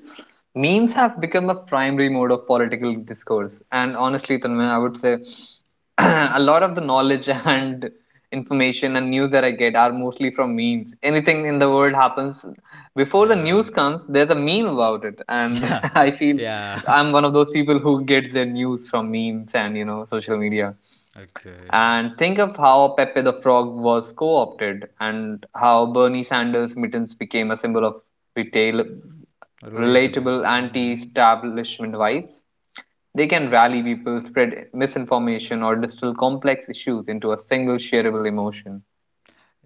Speaker 1: memes have become a primary mode of political discourse. And honestly, Tanmay, I would say a lot of the knowledge and information and news that I get are mostly from memes. Anything in the world happens, before the
Speaker 2: Yeah,
Speaker 1: news comes, there's a meme about it. And I feel
Speaker 2: yeah.
Speaker 1: I'm one of those people who gets their news from memes and, you know, social media.
Speaker 2: Okay, yeah.
Speaker 1: And think of how Pepe the Frog was co opted and how Bernie Sanders' mittens became a symbol of retail,
Speaker 2: Relatable.
Speaker 1: relatable, anti
Speaker 2: Mm.
Speaker 1: establishment vibes. They can rally people, spread misinformation, or distill complex issues into a single shareable emotion.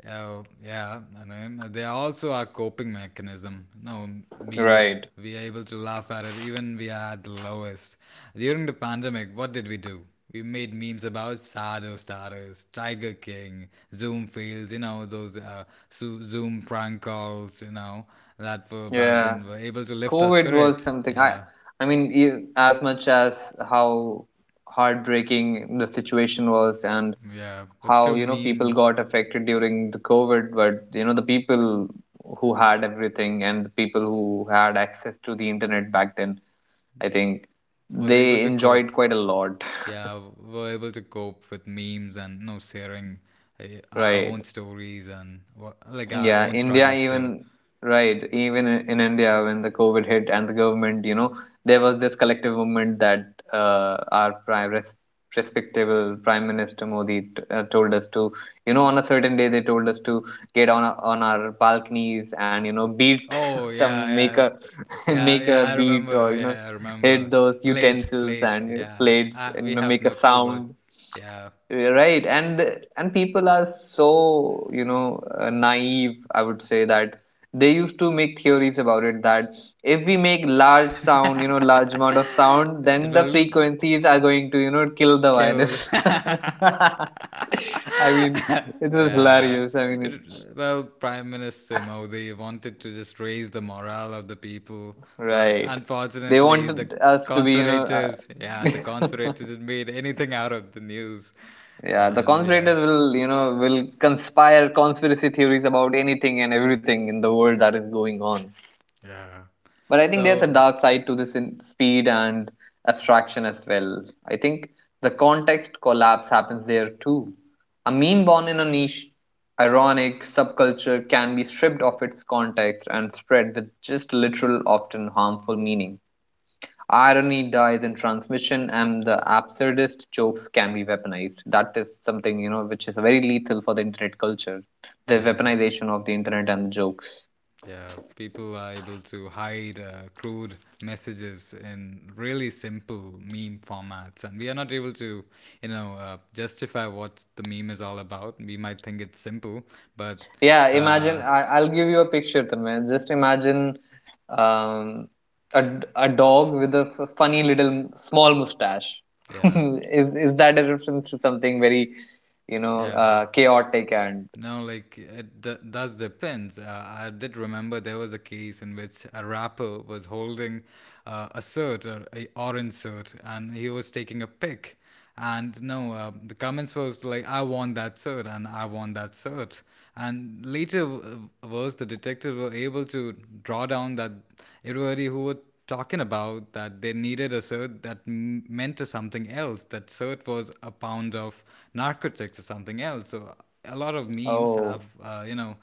Speaker 2: Oh, yeah. I mean, they also are coping mechanism. No, memes.
Speaker 1: Right.
Speaker 2: We are able to laugh at it even we are at the lowest. During the pandemic, what did we do? We made memes about Sado starters, Tiger King, Zoom fails, you know, those Zoom prank calls, you know, that were back
Speaker 1: Yeah.
Speaker 2: then were able to lift our
Speaker 1: COVID was
Speaker 2: spirit.
Speaker 1: something I
Speaker 2: Yeah,
Speaker 1: I mean, as much as how heartbreaking the situation was, and
Speaker 2: yeah. But
Speaker 1: how,
Speaker 2: still,
Speaker 1: you know, people
Speaker 2: meme
Speaker 1: got affected during the COVID, but, you know, the people who had everything and the people who had access to the internet back then, I think
Speaker 2: was able
Speaker 1: they
Speaker 2: to cope.
Speaker 1: enjoyed quite a lot.
Speaker 2: Yeah, we're able to cope with memes and you know sharing uh, our
Speaker 1: Right.
Speaker 2: own stories and like our
Speaker 1: Yeah,
Speaker 2: own
Speaker 1: India
Speaker 2: struggles too.
Speaker 1: even, right, even in India when the COVID hit and the government, you know, there was this collective movement that, our prime res respectable Prime Minister Modi t told us to, you know, on a certain day they told us to get on our balconies and, you know, beat
Speaker 2: Oh yeah,
Speaker 1: some, make
Speaker 2: yeah,
Speaker 1: a
Speaker 2: yeah,
Speaker 1: make
Speaker 2: yeah,
Speaker 1: a
Speaker 2: I
Speaker 1: beat, or,
Speaker 2: remember,
Speaker 1: you know,
Speaker 2: yeah, I remember.
Speaker 1: hit those utensils
Speaker 2: Plate,
Speaker 1: and
Speaker 2: yeah,
Speaker 1: plates
Speaker 2: I,
Speaker 1: and, you
Speaker 2: we
Speaker 1: know,
Speaker 2: have
Speaker 1: make a
Speaker 2: no clue, but
Speaker 1: sound.
Speaker 2: yeah,
Speaker 1: Eh, right, and people are so, you know, naive, I would say, that they used to make theories about it that if we make large sound, you know, large amount of sound,
Speaker 2: it
Speaker 1: then the
Speaker 2: will
Speaker 1: frequencies are going to, you know, kill the
Speaker 2: kill.
Speaker 1: virus. I mean, it was
Speaker 2: Yeah,
Speaker 1: hilarious. I mean,
Speaker 2: it, well, Prime Minister Modi wanted to just raise the morale of the people, but
Speaker 1: right, they
Speaker 2: unfortunately, the
Speaker 1: wanted us to be, you know,
Speaker 2: conspirators, yeah, the conspirators had made anything out of the news,
Speaker 1: yeah, the
Speaker 2: and yeah,
Speaker 1: conspirators will, you know, will conspire conspiracy theories about anything and everything in the world that is going on.
Speaker 2: yeah.
Speaker 1: But I think there's a
Speaker 2: So
Speaker 1: dark side to this in speed and abstraction as well. I think the context collapse happens there too. A meme born in a niche, ironic subculture can be stripped of its context and spread with just literal, often harmful meaning. Irony dies in transmission, and the absurdist jokes can be weaponized. That is something, you know, which is very lethal for the internet culture. The
Speaker 2: yeah,
Speaker 1: weaponization of the internet and the jokes.
Speaker 2: yeah, people are able to hide crude messages in really simple meme formats, and we are not able to, you know, justify what the meme is all about. We might think it's simple, but
Speaker 1: Yeah, imagine,
Speaker 2: uh,
Speaker 1: I'll give you a picture, Tanmay. Just imagine, um, a dog with a funny little small mustache.
Speaker 2: yeah,
Speaker 1: Is that a reference to something very, you know,
Speaker 2: yeah,
Speaker 1: chaotic and,
Speaker 2: no, like it does depends. I did remember there was a case in which a rapper was holding a shirt, or a orange shirt, and he was taking a pic. And no, the comments was like, "I want that shirt," and "I want that shirt." And later was the detective were able to draw down that everybody who were talking about that they needed a cert that meant something else. That cert was a pound of narcotics or something else. So a lot of memes
Speaker 1: oh,
Speaker 2: have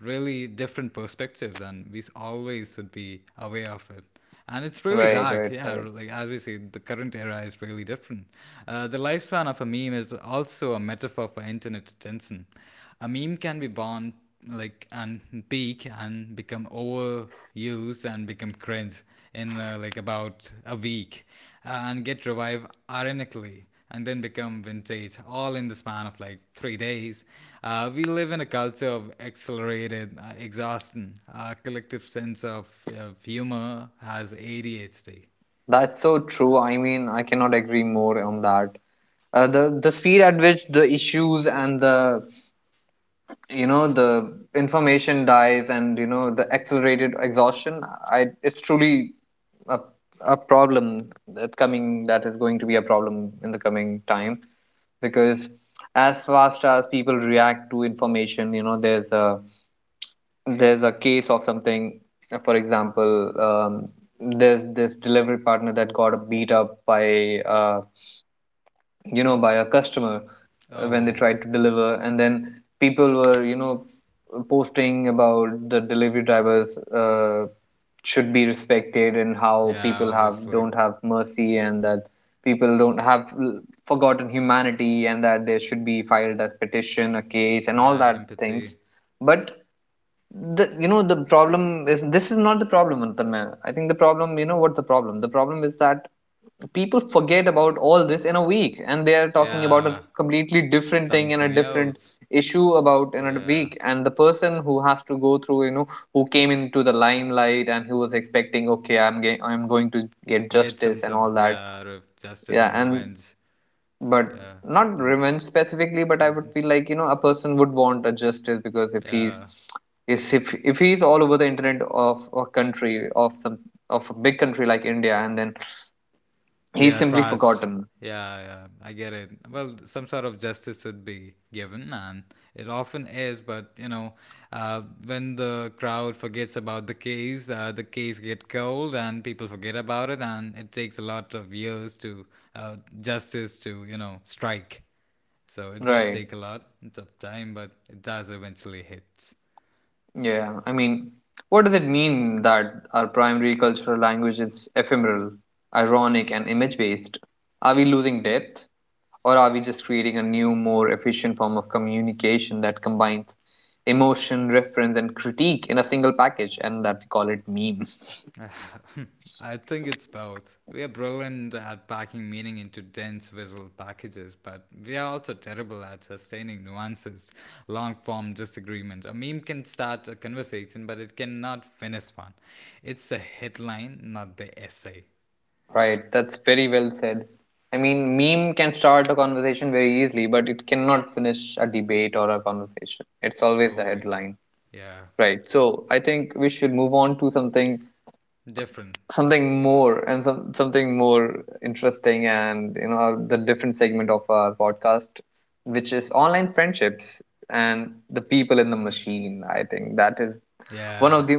Speaker 2: really different perspectives, and we always should be aware of it. And it's really
Speaker 1: right,
Speaker 2: dark,
Speaker 1: right,
Speaker 2: yeah.
Speaker 1: right.
Speaker 2: Like as we see, the current era is really different. The lifespan of a meme is also a metaphor for internet attention. A meme can be born like and peak and become overused and become cringe in like about a week and get revived ironically and then become vintage all in the span of like 3 days. We live in a culture of accelerated exhaustion. Our collective sense of humor has ADHD.
Speaker 1: That's so true. I mean, I cannot agree more on that. The speed at which the issues and the, you know, the information dies, and, you know, the accelerated exhaustion, I, it's truly a, a problem that's coming, that is going to be a problem in the coming time, because as fast as people react to information, you know, there's a case of something, for example, there's this delivery partner that got beat up by, you know, by a customer, when they
Speaker 2: Oh,
Speaker 1: tried to deliver, and then people were, you know, posting about the delivery drivers, should be respected, and how
Speaker 2: yeah,
Speaker 1: people have
Speaker 2: obviously.
Speaker 1: don't have mercy, and that people don't have l- forgotten humanity, and that there should be filed as petition a case and all
Speaker 2: Yeah,
Speaker 1: that
Speaker 2: empathy.
Speaker 1: things. But the, you know, the problem is this is not the problem, Antarma. I think the problem, what's the problem, the problem is that people forget about all this in a week and they are talking about a
Speaker 2: Yeah,
Speaker 1: completely different thing and a
Speaker 2: something
Speaker 1: different
Speaker 2: else.
Speaker 1: issue about in a
Speaker 2: Yeah.
Speaker 1: week. And the person who has to go through, who came into the limelight and who was expecting, okay, I'm going to get
Speaker 2: Get
Speaker 1: justice
Speaker 2: some
Speaker 1: and
Speaker 2: some
Speaker 1: all that.
Speaker 2: yeah, justice
Speaker 1: Yeah,
Speaker 2: and
Speaker 1: and
Speaker 2: revenge.
Speaker 1: but
Speaker 2: Yeah.
Speaker 1: not
Speaker 2: Mm.
Speaker 1: revenge specifically, but I would feel like, a person would want a justice, because if he's
Speaker 2: Yeah.
Speaker 1: is if he's all over the internet of a country of some of a big country like India, and then
Speaker 2: They
Speaker 1: he's
Speaker 2: are
Speaker 1: simply
Speaker 2: trust.
Speaker 1: forgotten.
Speaker 2: Yeah, yeah. I get it. Well, some sort of justice should be given, and it often is. But when the crowd forgets about the case get cold, and people forget about it, and it takes a lot of years to justice to strike. So it does
Speaker 1: Right.
Speaker 2: take a lot of time, but it does eventually hit.
Speaker 1: Yeah, I mean, what does it mean that our primary cultural language is ephemeral, ironic, and image based? Are we losing depth? Or are we just creating a new, more efficient form of communication that combines emotion, reference, and critique in a single package, and that we call it meme?
Speaker 2: I think it's both. We are brilliant at packing meaning into dense visual packages, but we are also terrible at sustaining nuances, long form disagreement. A meme can start a conversation, but it cannot finish one. It's a headline, not the essay.
Speaker 1: Right, that's very well said. I mean, meme can start a conversation very easily, but it cannot finish a debate or a conversation. It's always the
Speaker 2: Truly.
Speaker 1: headline.
Speaker 2: Yeah.
Speaker 1: Right, so I think we should move on to something,
Speaker 2: Different.
Speaker 1: something more, and something more interesting, and you know, the different segment of our podcast, which is online friendships and the people in the machine. I think that is one
Speaker 2: Yeah.
Speaker 1: of the,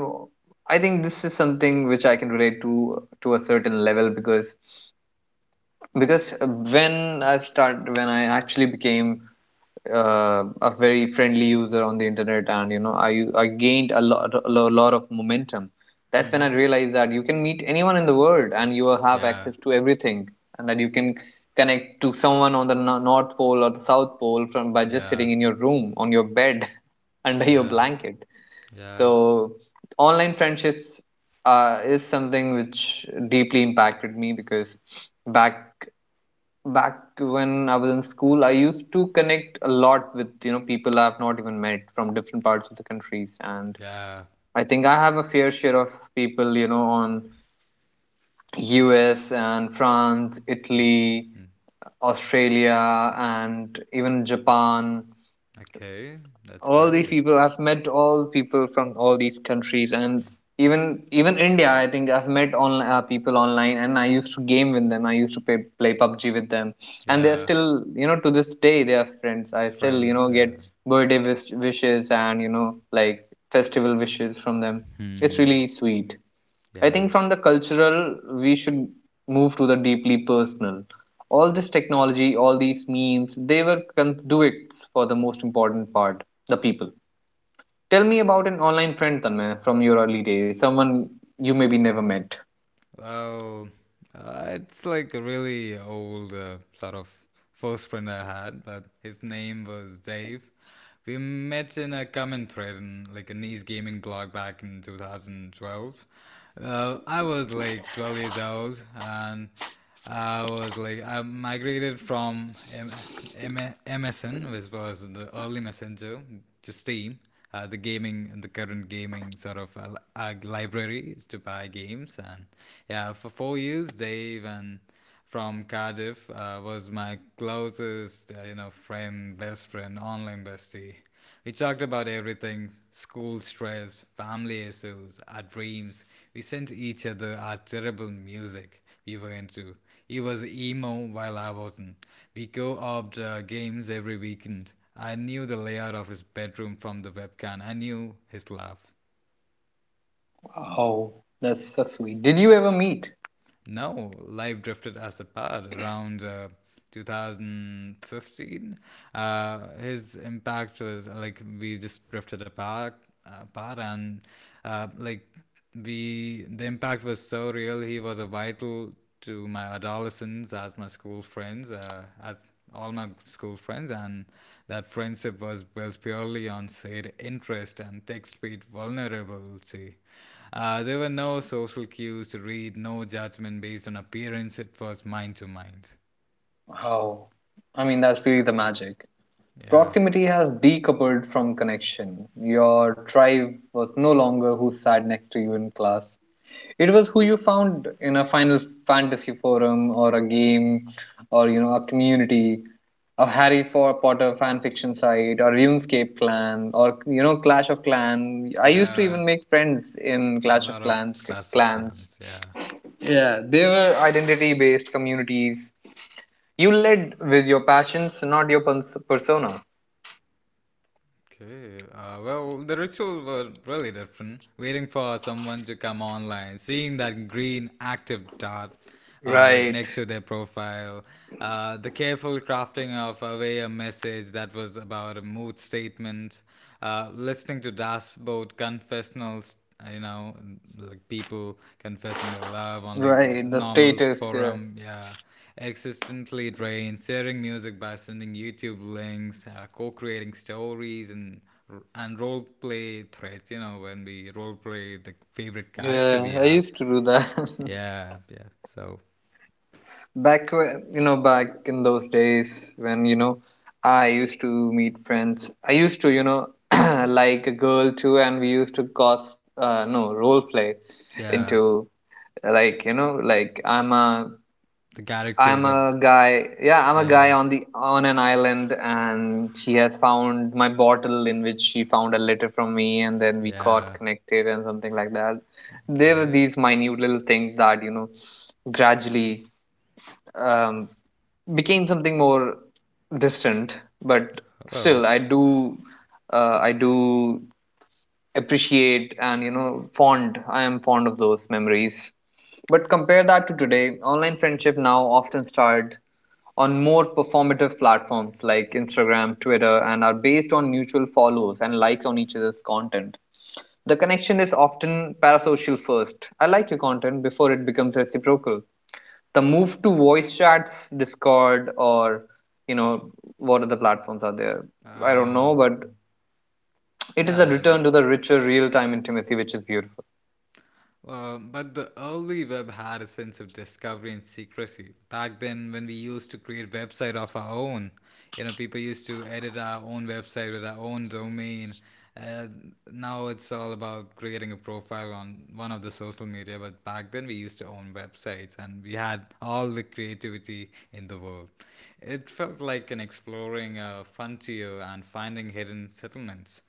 Speaker 1: I think this is something which I can relate to a certain level, because when I actually became a very friendly user on the internet, and you know, I gained a lot of momentum. That's when I realized that you can meet anyone in the world, and you have
Speaker 2: Yeah.
Speaker 1: access to everything, and that you can connect to someone on the north pole or the south pole from by just
Speaker 2: Yeah.
Speaker 1: sitting in your room on your bed under your
Speaker 2: Yeah.
Speaker 1: blanket.
Speaker 2: Yeah.
Speaker 1: So online friendships is something which deeply impacted me, because back back when I was in school, I used to connect a lot with, you know, people I've not even met from different parts of the countries, and
Speaker 2: Yeah.
Speaker 1: I think I have a fair share of people, you know, on U.S. and France, Italy,
Speaker 2: Mm.
Speaker 1: Australia, and even Japan.
Speaker 2: Okay. That's
Speaker 1: All these
Speaker 2: great.
Speaker 1: people I've met, all people from all these countries, and
Speaker 2: Yeah.
Speaker 1: even India, I think I've met on people online, and I used to game with them. I used to play PUBG with them, and they're
Speaker 2: Yeah.
Speaker 1: still, you know, to this day they are friends. I still, you
Speaker 2: Friends.
Speaker 1: know, get
Speaker 2: Yeah.
Speaker 1: wishes, and you know, like festival wishes from them. It's
Speaker 2: Hmm.
Speaker 1: really sweet. I
Speaker 2: Yeah.
Speaker 1: think from the cultural, we should move to the deeply personal. All this technology, all these memes, they were conduits for the most important part. The people. Tell me about an online friend, Tanmay, from your early days. Someone you maybe never met.
Speaker 2: Oh, it's like a really old sort of first friend I had, but his name was Dave. We met in a common thread in like a niche gaming blog back in 2012. I was like 12 years old, and I was like I migrated from MSN, which was the early messenger, to Steam, the gaming, the current gaming sort of library to buy games, and yeah, for 4 years, Dave and from Cardiff was my closest, friend, best friend, online bestie. We talked about everything school stress, family issues, our dreams. We sent each other our terrible music we were into. He was emo while I wasn't. We co opted games every weekend. I knew the layout of his bedroom from the webcam, I knew his laugh.
Speaker 1: Oh, that's so sweet. Did you ever meet?
Speaker 2: No, life drifted us apart around 2015. His impact was like we just drifted apart, and like we the impact was so real. He was a vital to my adolescence as my school friends, as all my school friends, and that friendship was built purely on shared interest and text-based vulnerability. There were no social cues to read, no judgment based on appearance. It was mind to mind.
Speaker 1: How? I mean, that's really the magic.
Speaker 2: Yeah,
Speaker 1: Proximity has decoupled from connection. Your tribe was no longer who sat next to you in class. It was who you found in a Final Fantasy forum or a game, or you know, a community, a Harry Potter fanfiction site or RuneScape clan, or you know, Clash of Clans. I used to
Speaker 2: yeah,
Speaker 1: even make friends in
Speaker 2: a
Speaker 1: Clash of
Speaker 2: lot of
Speaker 1: Clans
Speaker 2: class of
Speaker 1: clans.
Speaker 2: clans. Yeah.
Speaker 1: Yeah, they were identity based communities. You led with your passions, not your persona.
Speaker 2: Okay. Well, the rituals were really different. Waiting for someone to come online, seeing that green active dot, like
Speaker 1: Right.
Speaker 2: next to their profile, the careful crafting of a way a message that was about a mood statement, listening to dashboard confessionals. uh, You know, like people confessing their love on like this
Speaker 1: Right, the
Speaker 2: normal
Speaker 1: status, yeah.
Speaker 2: forum. Yeah, existently drained, sharing music by sending YouTube links, co-creating stories and role play threads. You know, when we role play the favorite character
Speaker 1: Yeah,
Speaker 2: we
Speaker 1: I
Speaker 2: are.
Speaker 1: used to do that.
Speaker 2: Yeah, yeah. So
Speaker 1: Back when, you know, back in those days when, you know, I used to meet friends. I used to, you know, like a girl too, and we used to cos, no, role play
Speaker 2: yeah,
Speaker 1: into, like, you know, like
Speaker 2: the characters
Speaker 1: I'm
Speaker 2: of,
Speaker 1: a guy. Yeah, I'm a guy
Speaker 2: yeah,
Speaker 1: on the on an island, and she has found my bottle in which she found a letter from me, and then we got
Speaker 2: yeah.
Speaker 1: connected and something like that. There were
Speaker 2: Okay.
Speaker 1: these minute little things that, you know, gradually um, became something more distant, but
Speaker 2: Oh.
Speaker 1: still, I do appreciate, and you know, fond. I am fond of those memories. But compare that to today, online friendship now often start on more performative platforms like Instagram, Twitter, and are based on mutual follows and likes on each other's content. The connection is often parasocial first. I like your content before it becomes reciprocal. The move to voice chats, Discord, or you know, what other platforms are there?
Speaker 2: Well,
Speaker 1: I don't know, but it is a
Speaker 2: yeah.
Speaker 1: return to the richer real time intimacy, which is beautiful.
Speaker 2: But the early web had a sense of discovery and secrecy. Back then, when we used to create website of our own, people used to edit our own website with our own domain. Uh, Now it's all about creating a profile on one of the social media. But back then, we used to own websites, and we had all the creativity in the world. It felt like an exploring a frontier and finding hidden settlements.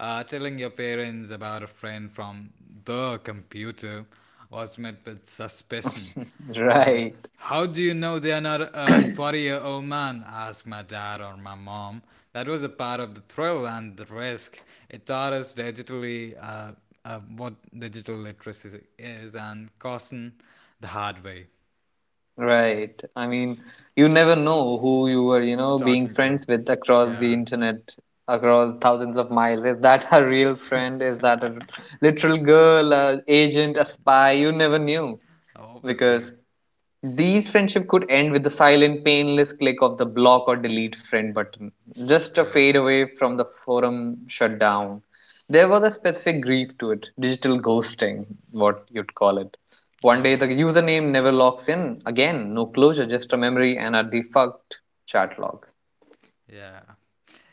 Speaker 2: Telling your parents about a friend from the computer was met with suspicion. Um,
Speaker 1: Right.
Speaker 2: how do you know they are not a 40-year-old man? Asked my dad or my mom. That was a part of the thrill and the risk. It taught us digitally what digital literacy is and caution the hard way.
Speaker 1: Right. I mean, you never know who you were, you
Speaker 2: We're
Speaker 1: know, being
Speaker 2: talking to,
Speaker 1: friends with across the
Speaker 2: yeah,
Speaker 1: internet, across thousands of miles. Is that a real friend? Is that a literal girl, a agent, a spy? You never knew,
Speaker 2: obviously,
Speaker 1: because these friendship could end with the silent, painless click of the block or delete friend button. Just a
Speaker 2: really.
Speaker 1: fade away from the forum shutdown. There was a specific grief to it, digital ghosting, what you'd call it. One day the
Speaker 2: Oh,
Speaker 1: username never logs in again, no closure, just a memory and a defunct chat log.
Speaker 2: yeah.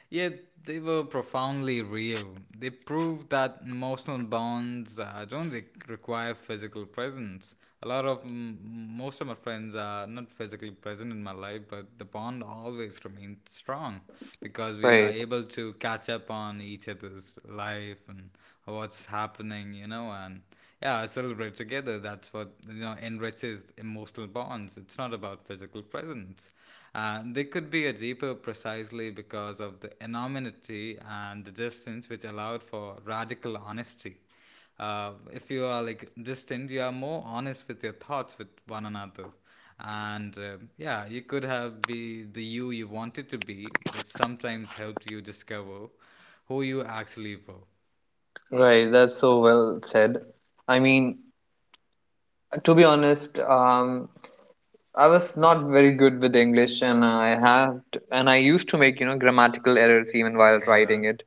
Speaker 2: Yet they were profoundly real. They proved that emotional bonds don't require physical presence. A lot of most of my friends are not physically present in my life, but the bond always remains strong because we are
Speaker 1: Right,
Speaker 2: able to catch up on each other's life and what's happening, and yeah, celebrate together. That's what enriches emotional bonds. It's not about physical presence. They could be a deeper precisely because of the anonymity and the distance, which allowed for radical honesty. If you are like distant, you are more honest with your thoughts with one another. And yeah, you could have be the you wanted to be, which sometimes helped you discover who you actually were.
Speaker 1: right. That's so well said. I mean, to be honest, I was not very good with English, and I had and I used to make, you know, grammatical errors even while
Speaker 2: Yeah,
Speaker 1: writing it.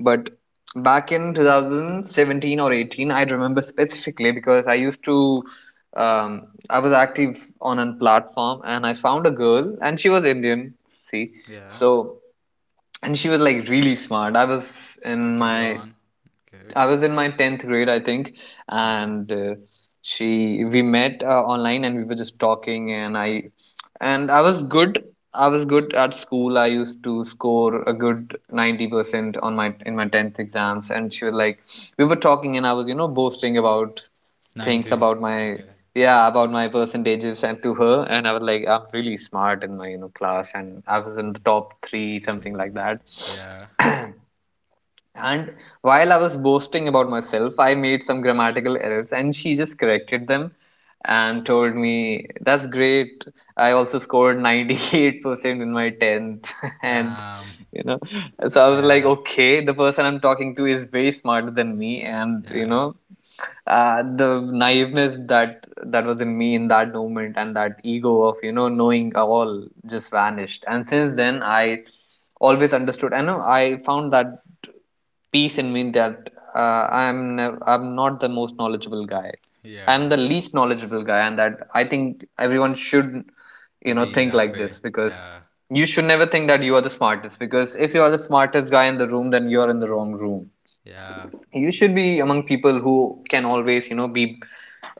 Speaker 1: But back in 2017 or 18, I remember specifically because I used to, um, I was active on a platform, and I found a girl, and she was Indian. See,
Speaker 2: yeah.
Speaker 1: so, and she was like really smart. In
Speaker 2: Okay, go
Speaker 1: my
Speaker 2: on. Okay.
Speaker 1: I was in my 10th grade, I think,
Speaker 2: Okay.
Speaker 1: and she we met online, and we were just talking, and I was good. I was good at school. I used to score a good 90% on my in my 10th exams, and she was like, we were talking, and I was, you know, boasting about things
Speaker 2: 90.
Speaker 1: about my,
Speaker 2: Okay. Yeah.
Speaker 1: yeah, about my percentages and to her, and I was like, I'm really smart in my, you know, class, and I was in the top 3, something like that.
Speaker 2: Yeah.
Speaker 1: And while I was boasting about myself, I made some grammatical errors, and she just corrected them and told me, that's great. I also scored 98% in my 10th. And,
Speaker 2: Damn.
Speaker 1: you know, so I was like,
Speaker 2: Yeah.
Speaker 1: okay, the person I'm talking to is way smarter than me. And, you
Speaker 2: Yeah.
Speaker 1: know, the naiveness that that was in me in that moment, and that ego of, you know, knowing all, just vanished. And since then I always understood, I found that peace in me that, uh, I'm I'm not the most knowledgeable guy.
Speaker 2: Yeah.
Speaker 1: I'm the least knowledgeable guy, and that I think everyone should, you know,
Speaker 2: Be
Speaker 1: think
Speaker 2: that
Speaker 1: like
Speaker 2: way.
Speaker 1: this, because
Speaker 2: Yeah.
Speaker 1: you should never think that you are the smartest, because if you are the smartest guy in the room, then you are in the wrong room.
Speaker 2: Yeah.
Speaker 1: You should be among people who can always, you know, be,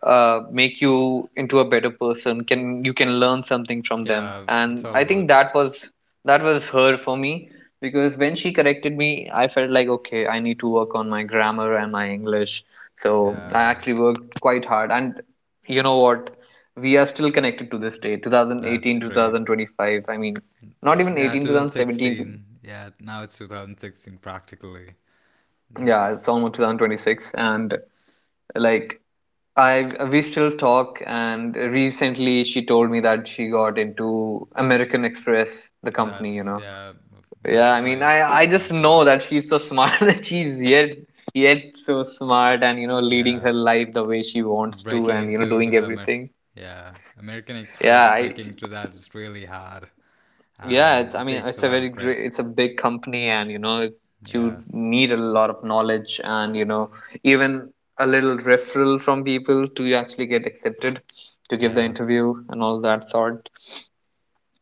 Speaker 1: make you into a better person, can, you can learn something from them.
Speaker 2: Yeah. It's
Speaker 1: And
Speaker 2: all
Speaker 1: I think
Speaker 2: about.
Speaker 1: that was, that was her for me. Because when she corrected me, I felt like, okay, I need to work on my grammar and my English. So I
Speaker 2: Yeah.
Speaker 1: actually worked quite hard, and you know what, we are still connected to this day. 2018,
Speaker 2: That's
Speaker 1: two
Speaker 2: great.
Speaker 1: thousand twenty-five. I mean, not even
Speaker 2: Yeah.
Speaker 1: 18, 2017.
Speaker 2: 2016. Yeah. Now it's 2016 practically.
Speaker 1: Yeah, it's
Speaker 2: That's.
Speaker 1: almost 2026, and like, I we still talk, and recently she told me that she got into American Express, the company, you
Speaker 2: That's.
Speaker 1: know.
Speaker 2: Yeah.
Speaker 1: Yeah,
Speaker 2: That's a
Speaker 1: I mean,
Speaker 2: great
Speaker 1: I just
Speaker 2: company.
Speaker 1: know that she's so smart. That she's yet, yet so smart, and you know, leading
Speaker 2: Yeah.
Speaker 1: her life the way she wants to,
Speaker 2: Breaking
Speaker 1: and you know,
Speaker 2: into
Speaker 1: doing everything.
Speaker 2: yeah, American
Speaker 1: Yeah,
Speaker 2: Express,
Speaker 1: I.
Speaker 2: breaking into that is really hard,
Speaker 1: Yeah, it's,
Speaker 2: and
Speaker 1: I
Speaker 2: it
Speaker 1: mean,
Speaker 2: takes
Speaker 1: it's
Speaker 2: a
Speaker 1: a
Speaker 2: lot
Speaker 1: very
Speaker 2: of grit.
Speaker 1: great, it's a big company, and you know it, you
Speaker 2: Yeah.
Speaker 1: need a lot of knowledge and you know, even a little referral from people to actually get accepted to give the
Speaker 2: Yeah,
Speaker 1: interview and all that sort.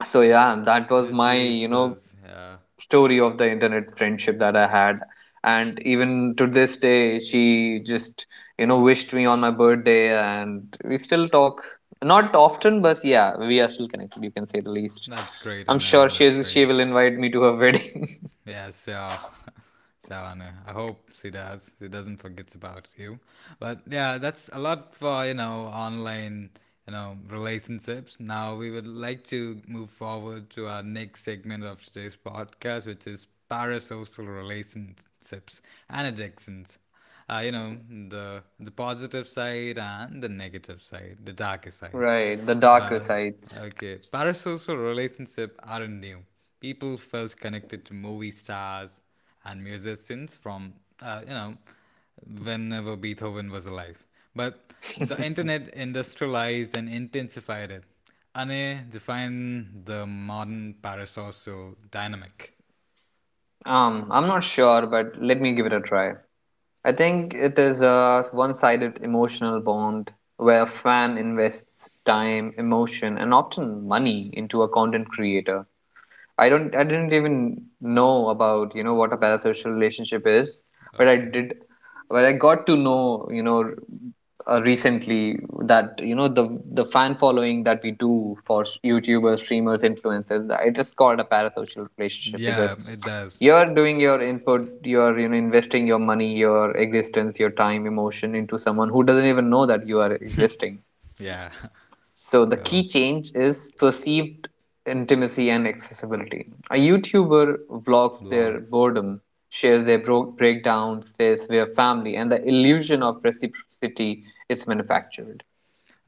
Speaker 1: So yeah, that was
Speaker 2: this
Speaker 1: my, you
Speaker 2: leads
Speaker 1: know,
Speaker 2: us, yeah,
Speaker 1: story of the internet friendship that I had. And even to this day, she just, you know, wished me on my birthday, and we still talk. Not often, but yeah, we are still connected, you can say the least.
Speaker 2: that's great,
Speaker 1: I'm sure
Speaker 2: Anand,
Speaker 1: she
Speaker 2: that's
Speaker 1: is,
Speaker 2: great.
Speaker 1: she will invite me to her wedding.
Speaker 2: Yeah. So, Anna, I hope she does, she doesn't forgets about you. But yeah, that's a lot for online relationships. Now we would like to move forward to our next segment of today's podcast, which is parasocial relationships and addictions. uh, you know the positive side and the negative side, the darker side.
Speaker 1: Right, the darker
Speaker 2: uh,
Speaker 1: sides.
Speaker 2: okay, parasocial relationships aren't new. People felt connected to movie stars and musicians from uh, you know whenever Beethoven was alive. But the internet industrialized and intensified it. Anne defined the modern parasocial dynamic.
Speaker 1: I'm not sure, but let me give it a try. I think it is a one-sided emotional bond where a fan invests time, emotion, and often money into a content creator. I didn't even know about, you know, what a parasocial relationship is, but I
Speaker 2: Okay.
Speaker 1: did but I got to know, you know, recently that, you know, the fan following that we do for YouTubers, streamers, influencers. I just call a parasocial relationship
Speaker 2: Yeah,
Speaker 1: because
Speaker 2: it does.
Speaker 1: you're doing your input, you're investing your money, your existence, your time, emotion into someone who doesn't even know that you are existing.
Speaker 2: Yeah.
Speaker 1: So the
Speaker 2: Well,
Speaker 1: key change is perceived intimacy and accessibility. A YouTuber vlogs their
Speaker 2: blogs,
Speaker 1: boredom, shares their breakdowns, says we are family, and the illusion of reciprocity is manufactured.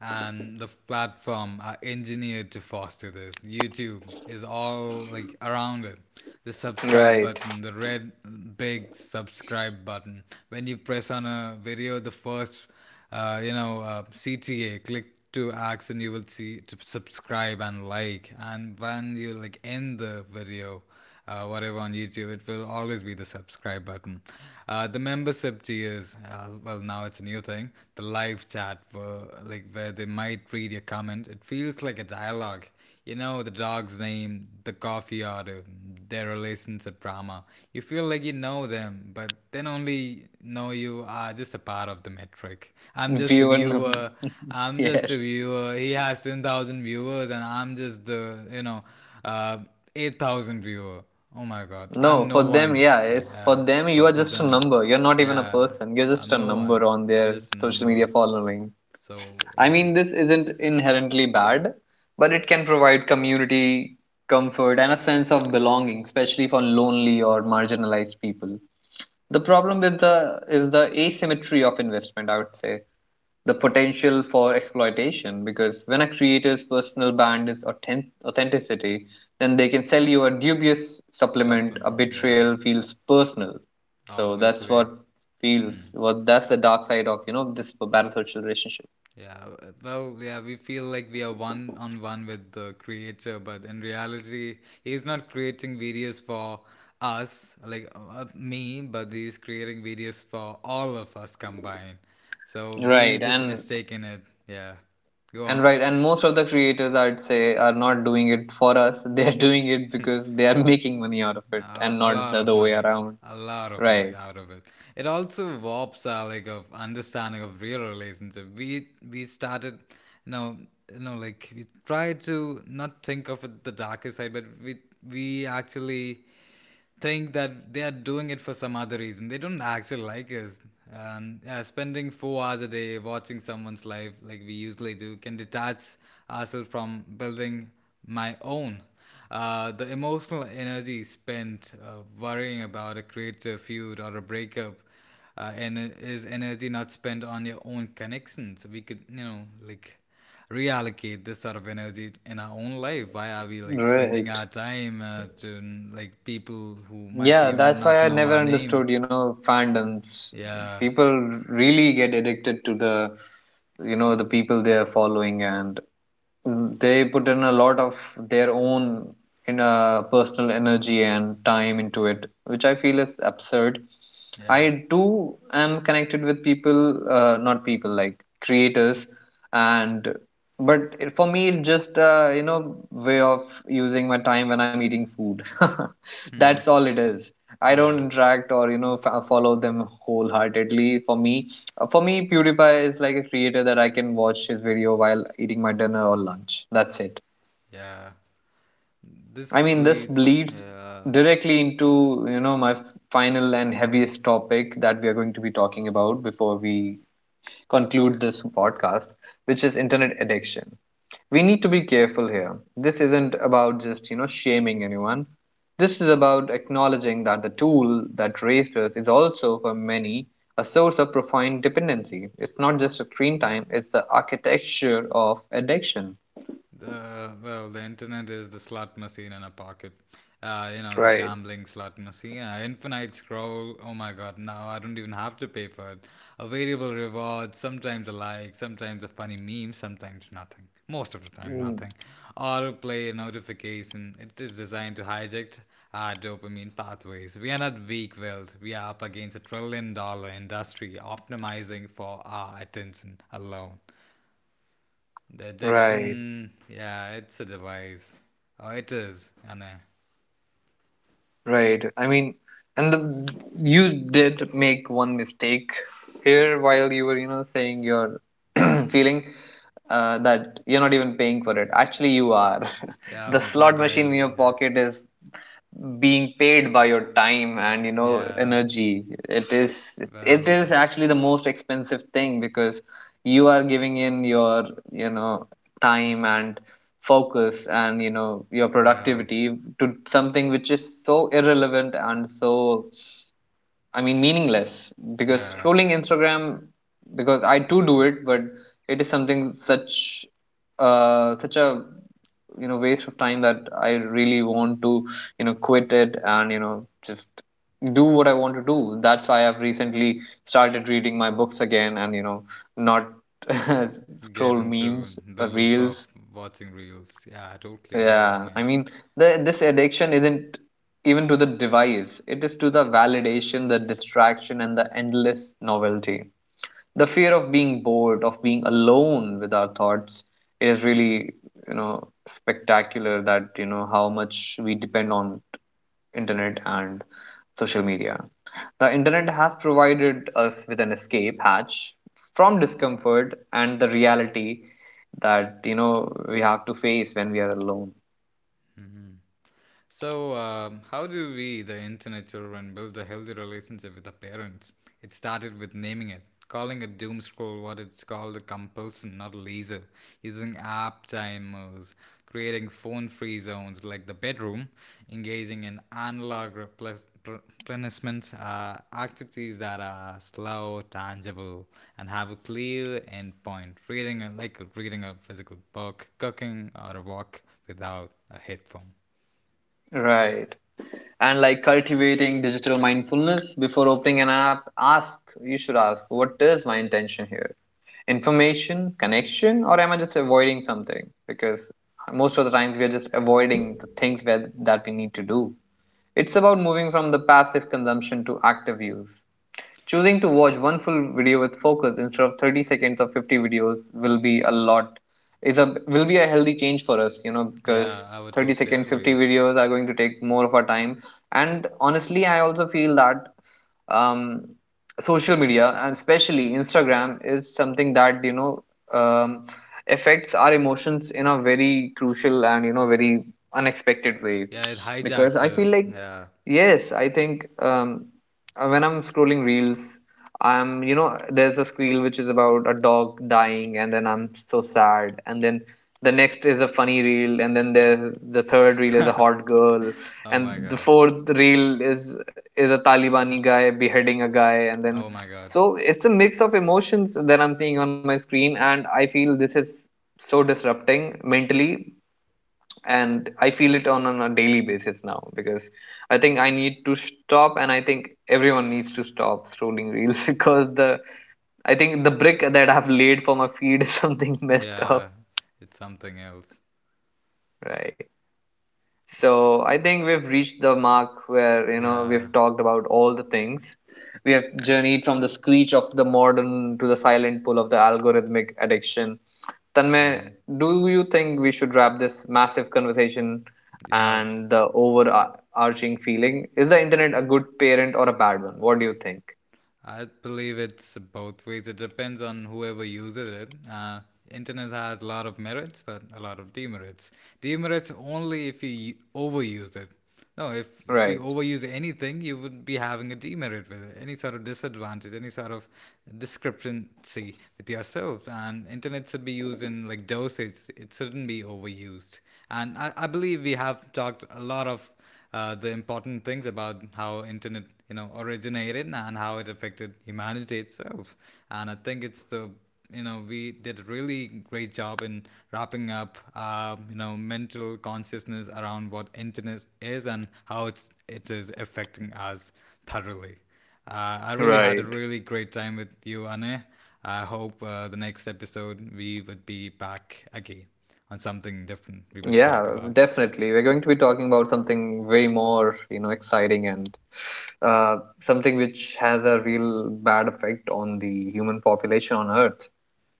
Speaker 2: and the platform are engineered to foster this. YouTube is all like around it. The subscribe
Speaker 1: Right.
Speaker 2: button, the red big subscribe button. When you press on a video, the first, CTA, click to ask and you will see to subscribe and like. And when you like end the video, whatever on YouTube, it will always be the subscribe button. The membership tiers, well, now it's a new thing. The live chat, for, like where they might read your comment. It feels like a dialogue. The dog's name, the coffee order, their relationship drama. You feel like you know them, but then only know you are just a part of the metric. I'm just a
Speaker 1: Viewer number.
Speaker 2: viewer. I'm just a
Speaker 1: yes.
Speaker 2: viewer. He has 10,000 viewers, and I'm just the, uh, 8,000 viewer. Oh my god. I'm
Speaker 1: No,
Speaker 2: no
Speaker 1: for them,
Speaker 2: one.
Speaker 1: yeah,
Speaker 2: Yeah,
Speaker 1: it's for
Speaker 2: yeah.
Speaker 1: them. You
Speaker 2: For,
Speaker 1: are
Speaker 2: for
Speaker 1: just a
Speaker 2: them.
Speaker 1: number. You're not even a
Speaker 2: Yeah.
Speaker 1: person. You're just
Speaker 2: I'm
Speaker 1: a
Speaker 2: no one.
Speaker 1: number on
Speaker 2: I'm
Speaker 1: their
Speaker 2: just a
Speaker 1: social
Speaker 2: number.
Speaker 1: media following.
Speaker 2: So,
Speaker 1: I
Speaker 2: yeah.
Speaker 1: mean, this isn't inherently bad, but it can provide community comfort and a sense of belonging, especially for lonely or marginalized people. The problem with the is the asymmetry of investment, I would say, the potential for exploitation. Because when a creator's personal brand is authentic, authenticity, then they can sell you a dubious supplement. A
Speaker 2: Supplement. Yeah.
Speaker 1: betrayal feels personal, so that's what
Speaker 2: Obviously.
Speaker 1: feels. What that's the dark side of this parasocial relationship.
Speaker 2: Yeah. Well, yeah, we feel like we are one on one with the creator, but in reality, he's not creating videos for us, like me, but he's creating videos for all of us combined. So we
Speaker 1: Right,
Speaker 2: just
Speaker 1: and
Speaker 2: mistaken it. Yeah. Go
Speaker 1: and
Speaker 2: on.
Speaker 1: right and most of the creators I'd say are not doing it for us. they're doing it because they are making money out of it
Speaker 2: A,
Speaker 1: and
Speaker 2: a
Speaker 1: not
Speaker 2: lot
Speaker 1: the
Speaker 2: of
Speaker 1: other way
Speaker 2: money.
Speaker 1: around.
Speaker 2: A lot of money
Speaker 1: Right.
Speaker 2: out of it. It also warps our like of understanding of real relationship. We started you know like we try to not think of it the darker side, but we actually think that they are doing it for some other reason. They don't actually like us. Yeah, spending 4 hours a day watching someone's life like we usually do can detach ourselves from building my own. The emotional energy spent worrying about a creative feud or a breakup and is energy not spent on your own connections, we could like reallocate this sort of energy in our own life. Why are we like spending our
Speaker 1: Right.
Speaker 2: time to like people who might
Speaker 1: Yeah,
Speaker 2: even
Speaker 1: that's why
Speaker 2: not
Speaker 1: I
Speaker 2: know
Speaker 1: never
Speaker 2: our name.
Speaker 1: understood fandoms.
Speaker 2: Yeah,
Speaker 1: People really get addicted to the the people they are following, and they put in a lot of their own in personal energy and time into it, which I feel is absurd.
Speaker 2: yeah,
Speaker 1: I do am connected with people, not people like creators, and but it, for me, it's just you know way of using my time when I'm eating food. That's all it is. I don't
Speaker 2: yeah,
Speaker 1: interact or follow them wholeheartedly. For me, PewDiePie is like a creator that I can watch his video while eating my dinner or lunch. That's it.
Speaker 2: yeah, this
Speaker 1: I mean, this
Speaker 2: bleeds,
Speaker 1: bleeds
Speaker 2: yeah.
Speaker 1: directly into you know my final and heaviest topic that we are going to be talking about before we conclude this podcast, which is internet addiction. We need to be careful here. This isn't about just, you know, shaming anyone. This is about acknowledging that the tool that raised us is also, for many, a source of profound dependency. It's not just a screen time, it's the architecture of addiction.
Speaker 2: Well, the internet is the slot machine in a pocket. The
Speaker 1: Right.
Speaker 2: gambling slot machine. Infinite scroll. Oh my god, now I don't even have to pay for it. A variable reward, sometimes a like, sometimes a funny meme, sometimes nothing. Most of the time,
Speaker 1: Mm.
Speaker 2: nothing. Autoplay notification. It is designed to hijack our dopamine pathways. We are not weak willed. We are up against a trillion dollar industry optimizing for our attention alone. The
Speaker 1: Right.
Speaker 2: Jackson, yeah, it's a device. Oh, it is, Anna.
Speaker 1: Right. I mean, and the, you did make one mistake here while you were, you know, saying you're feeling that you're not even paying for it. Actually, you are.
Speaker 2: Yeah,
Speaker 1: The slot
Speaker 2: but
Speaker 1: machine in your
Speaker 2: I'm, yeah,
Speaker 1: pocket is being paid by your time and you know
Speaker 2: yeah,
Speaker 1: energy. It
Speaker 2: well,
Speaker 1: is actually the most expensive thing because you are giving in your you know time and focus and you know your
Speaker 2: well,
Speaker 1: productivity to something which is so irrelevant and so I mean, meaningless because
Speaker 2: yeah,
Speaker 1: scrolling Instagram, because I too do it, but it is something such a you know waste of time that I really want to you know quit it and you know just do what I want to do. That's why I've recently started reading my books again and you know not scroll
Speaker 2: get into
Speaker 1: memes
Speaker 2: the
Speaker 1: or
Speaker 2: loop
Speaker 1: reels.
Speaker 2: of watching reels. Yeah, I totally get it,
Speaker 1: Yeah, I
Speaker 2: Anna.
Speaker 1: mean, this addiction isn't even to the device, it is to the validation, the distraction, and the endless novelty. The fear of being bored, of being alone with our thoughts, it is really, you know, spectacular that, you know, how much we depend on internet and social media. The internet has provided us with an escape hatch from discomfort and the reality that, you know, we have to face when we are alone.
Speaker 2: So, how do we, the internet children, build a healthy relationship with our parents? It started with naming it, calling a doom scroll what it's called a compulsion, not a leisure, using app timers, creating phone free zones like the bedroom, engaging in analog replenishment activities that are slow, tangible, and have a clear end point, reading a, like reading a physical book, cooking, or a walk without a headphone.
Speaker 1: Right. And like cultivating digital mindfulness before opening an app, ask, you should ask, what is my intention here? Information, connection, or am I just avoiding something? Because most of the times we are just avoiding the things where, that we need to do. It's about moving from the passive consumption to active use. Choosing to watch one full video with focus instead of 30 seconds or 50 videos will be a lot is a will be a healthy change for us, you know, because
Speaker 2: Yeah, I would
Speaker 1: 30
Speaker 2: totally
Speaker 1: second 50
Speaker 2: agree.
Speaker 1: videos are going to take more of our time. And honestly, I also feel that um, social media and especially Instagram is something that you know um, affects our emotions in a very crucial and you know very unexpected way
Speaker 2: Yeah, it
Speaker 1: because
Speaker 2: hijacks
Speaker 1: I feel
Speaker 2: us.
Speaker 1: like
Speaker 2: Yeah.
Speaker 1: yes, I think when I'm scrolling reels, I'm you know there's a reel which is about a dog dying, and then I'm so sad, and then the next is a funny reel, and then there's the third reel is a hot girl,
Speaker 2: Oh
Speaker 1: and
Speaker 2: my
Speaker 1: the
Speaker 2: god.
Speaker 1: fourth reel is a Talibani guy beheading a guy, and then
Speaker 2: Oh my god.
Speaker 1: so it's a mix of emotions that I'm seeing on my screen, and I feel this is so disrupting mentally. And I feel it on a daily basis now because I think I need to stop and I think everyone needs to stop scrolling reels because the brick that I've laid for my feed is something messed up.
Speaker 2: Yeah, it's something else.
Speaker 1: Right. So I think we've reached the mark where you know we've
Speaker 2: Yeah.
Speaker 1: talked about all the things. We have journeyed from the screech of the modern to the silent pull of the algorithmic addiction. Tanmay,
Speaker 2: Hmm.
Speaker 1: do you think we should wrap this massive conversation
Speaker 2: Yeah,
Speaker 1: and the overarching feeling? Is the internet a good parent or a bad one? What do you think?
Speaker 2: I believe it's both ways. It depends on whoever uses it. Internet has a lot of merits, but a lot of demerits. Demerits only if you overuse it. No, if
Speaker 1: Right,
Speaker 2: you overuse anything, you would be having a demerit with it. Any sort of disadvantage, any sort of discrepancy with yourself. And internet should be used in like dosage. It shouldn't be overused. And I believe we have talked a lot of the important things about how internet originated and how it affected humanity itself. And I think it's the, we did a really great job in wrapping up, mental consciousness around what internet is and how it is affecting us thoroughly. I really had a really
Speaker 1: right.
Speaker 2: great time with you, Anne. I hope the next episode we would be back again on something different. We would talk
Speaker 1: Yeah,
Speaker 2: about.
Speaker 1: definitely. We're going to be talking about way more, you know, exciting and something which has a real bad effect on the human population on Earth.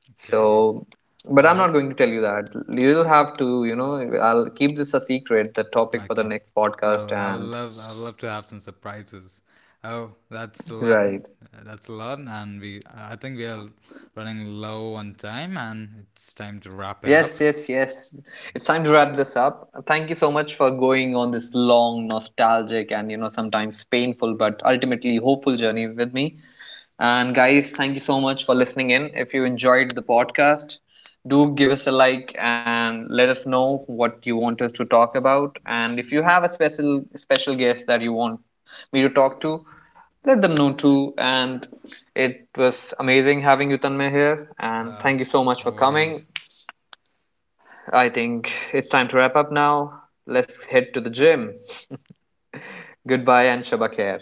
Speaker 2: Okay.
Speaker 1: So, but
Speaker 2: I
Speaker 1: I'm not
Speaker 2: hope.
Speaker 1: going to tell you that. You'll have to, you know, I'll keep this a secret, the topic for the
Speaker 2: Okay.
Speaker 1: next podcast,
Speaker 2: Well,
Speaker 1: and
Speaker 2: I would love to have some surprises. Oh, that's a lot.
Speaker 1: right.
Speaker 2: That's a lot, and we I think we are running low on time, and it's time to wrap it
Speaker 1: Yes,
Speaker 2: up.
Speaker 1: yes, yes. It's time to wrap this up. Thank you so much for going on this long, nostalgic, and you know, sometimes painful but ultimately hopeful journey with me. And guys, thank you so much for listening in. If you enjoyed the podcast, do give us a like and let us know what you want us to talk about. And if you have a special special guest that you want me to talk to, let them know too. And it was amazing having you, Tanmay, here. And
Speaker 2: Uh,
Speaker 1: thank you so much
Speaker 2: no
Speaker 1: for coming.
Speaker 2: worries.
Speaker 1: I think it's time to wrap up now. Let's head to the gym. Goodbye and Shabba Khair.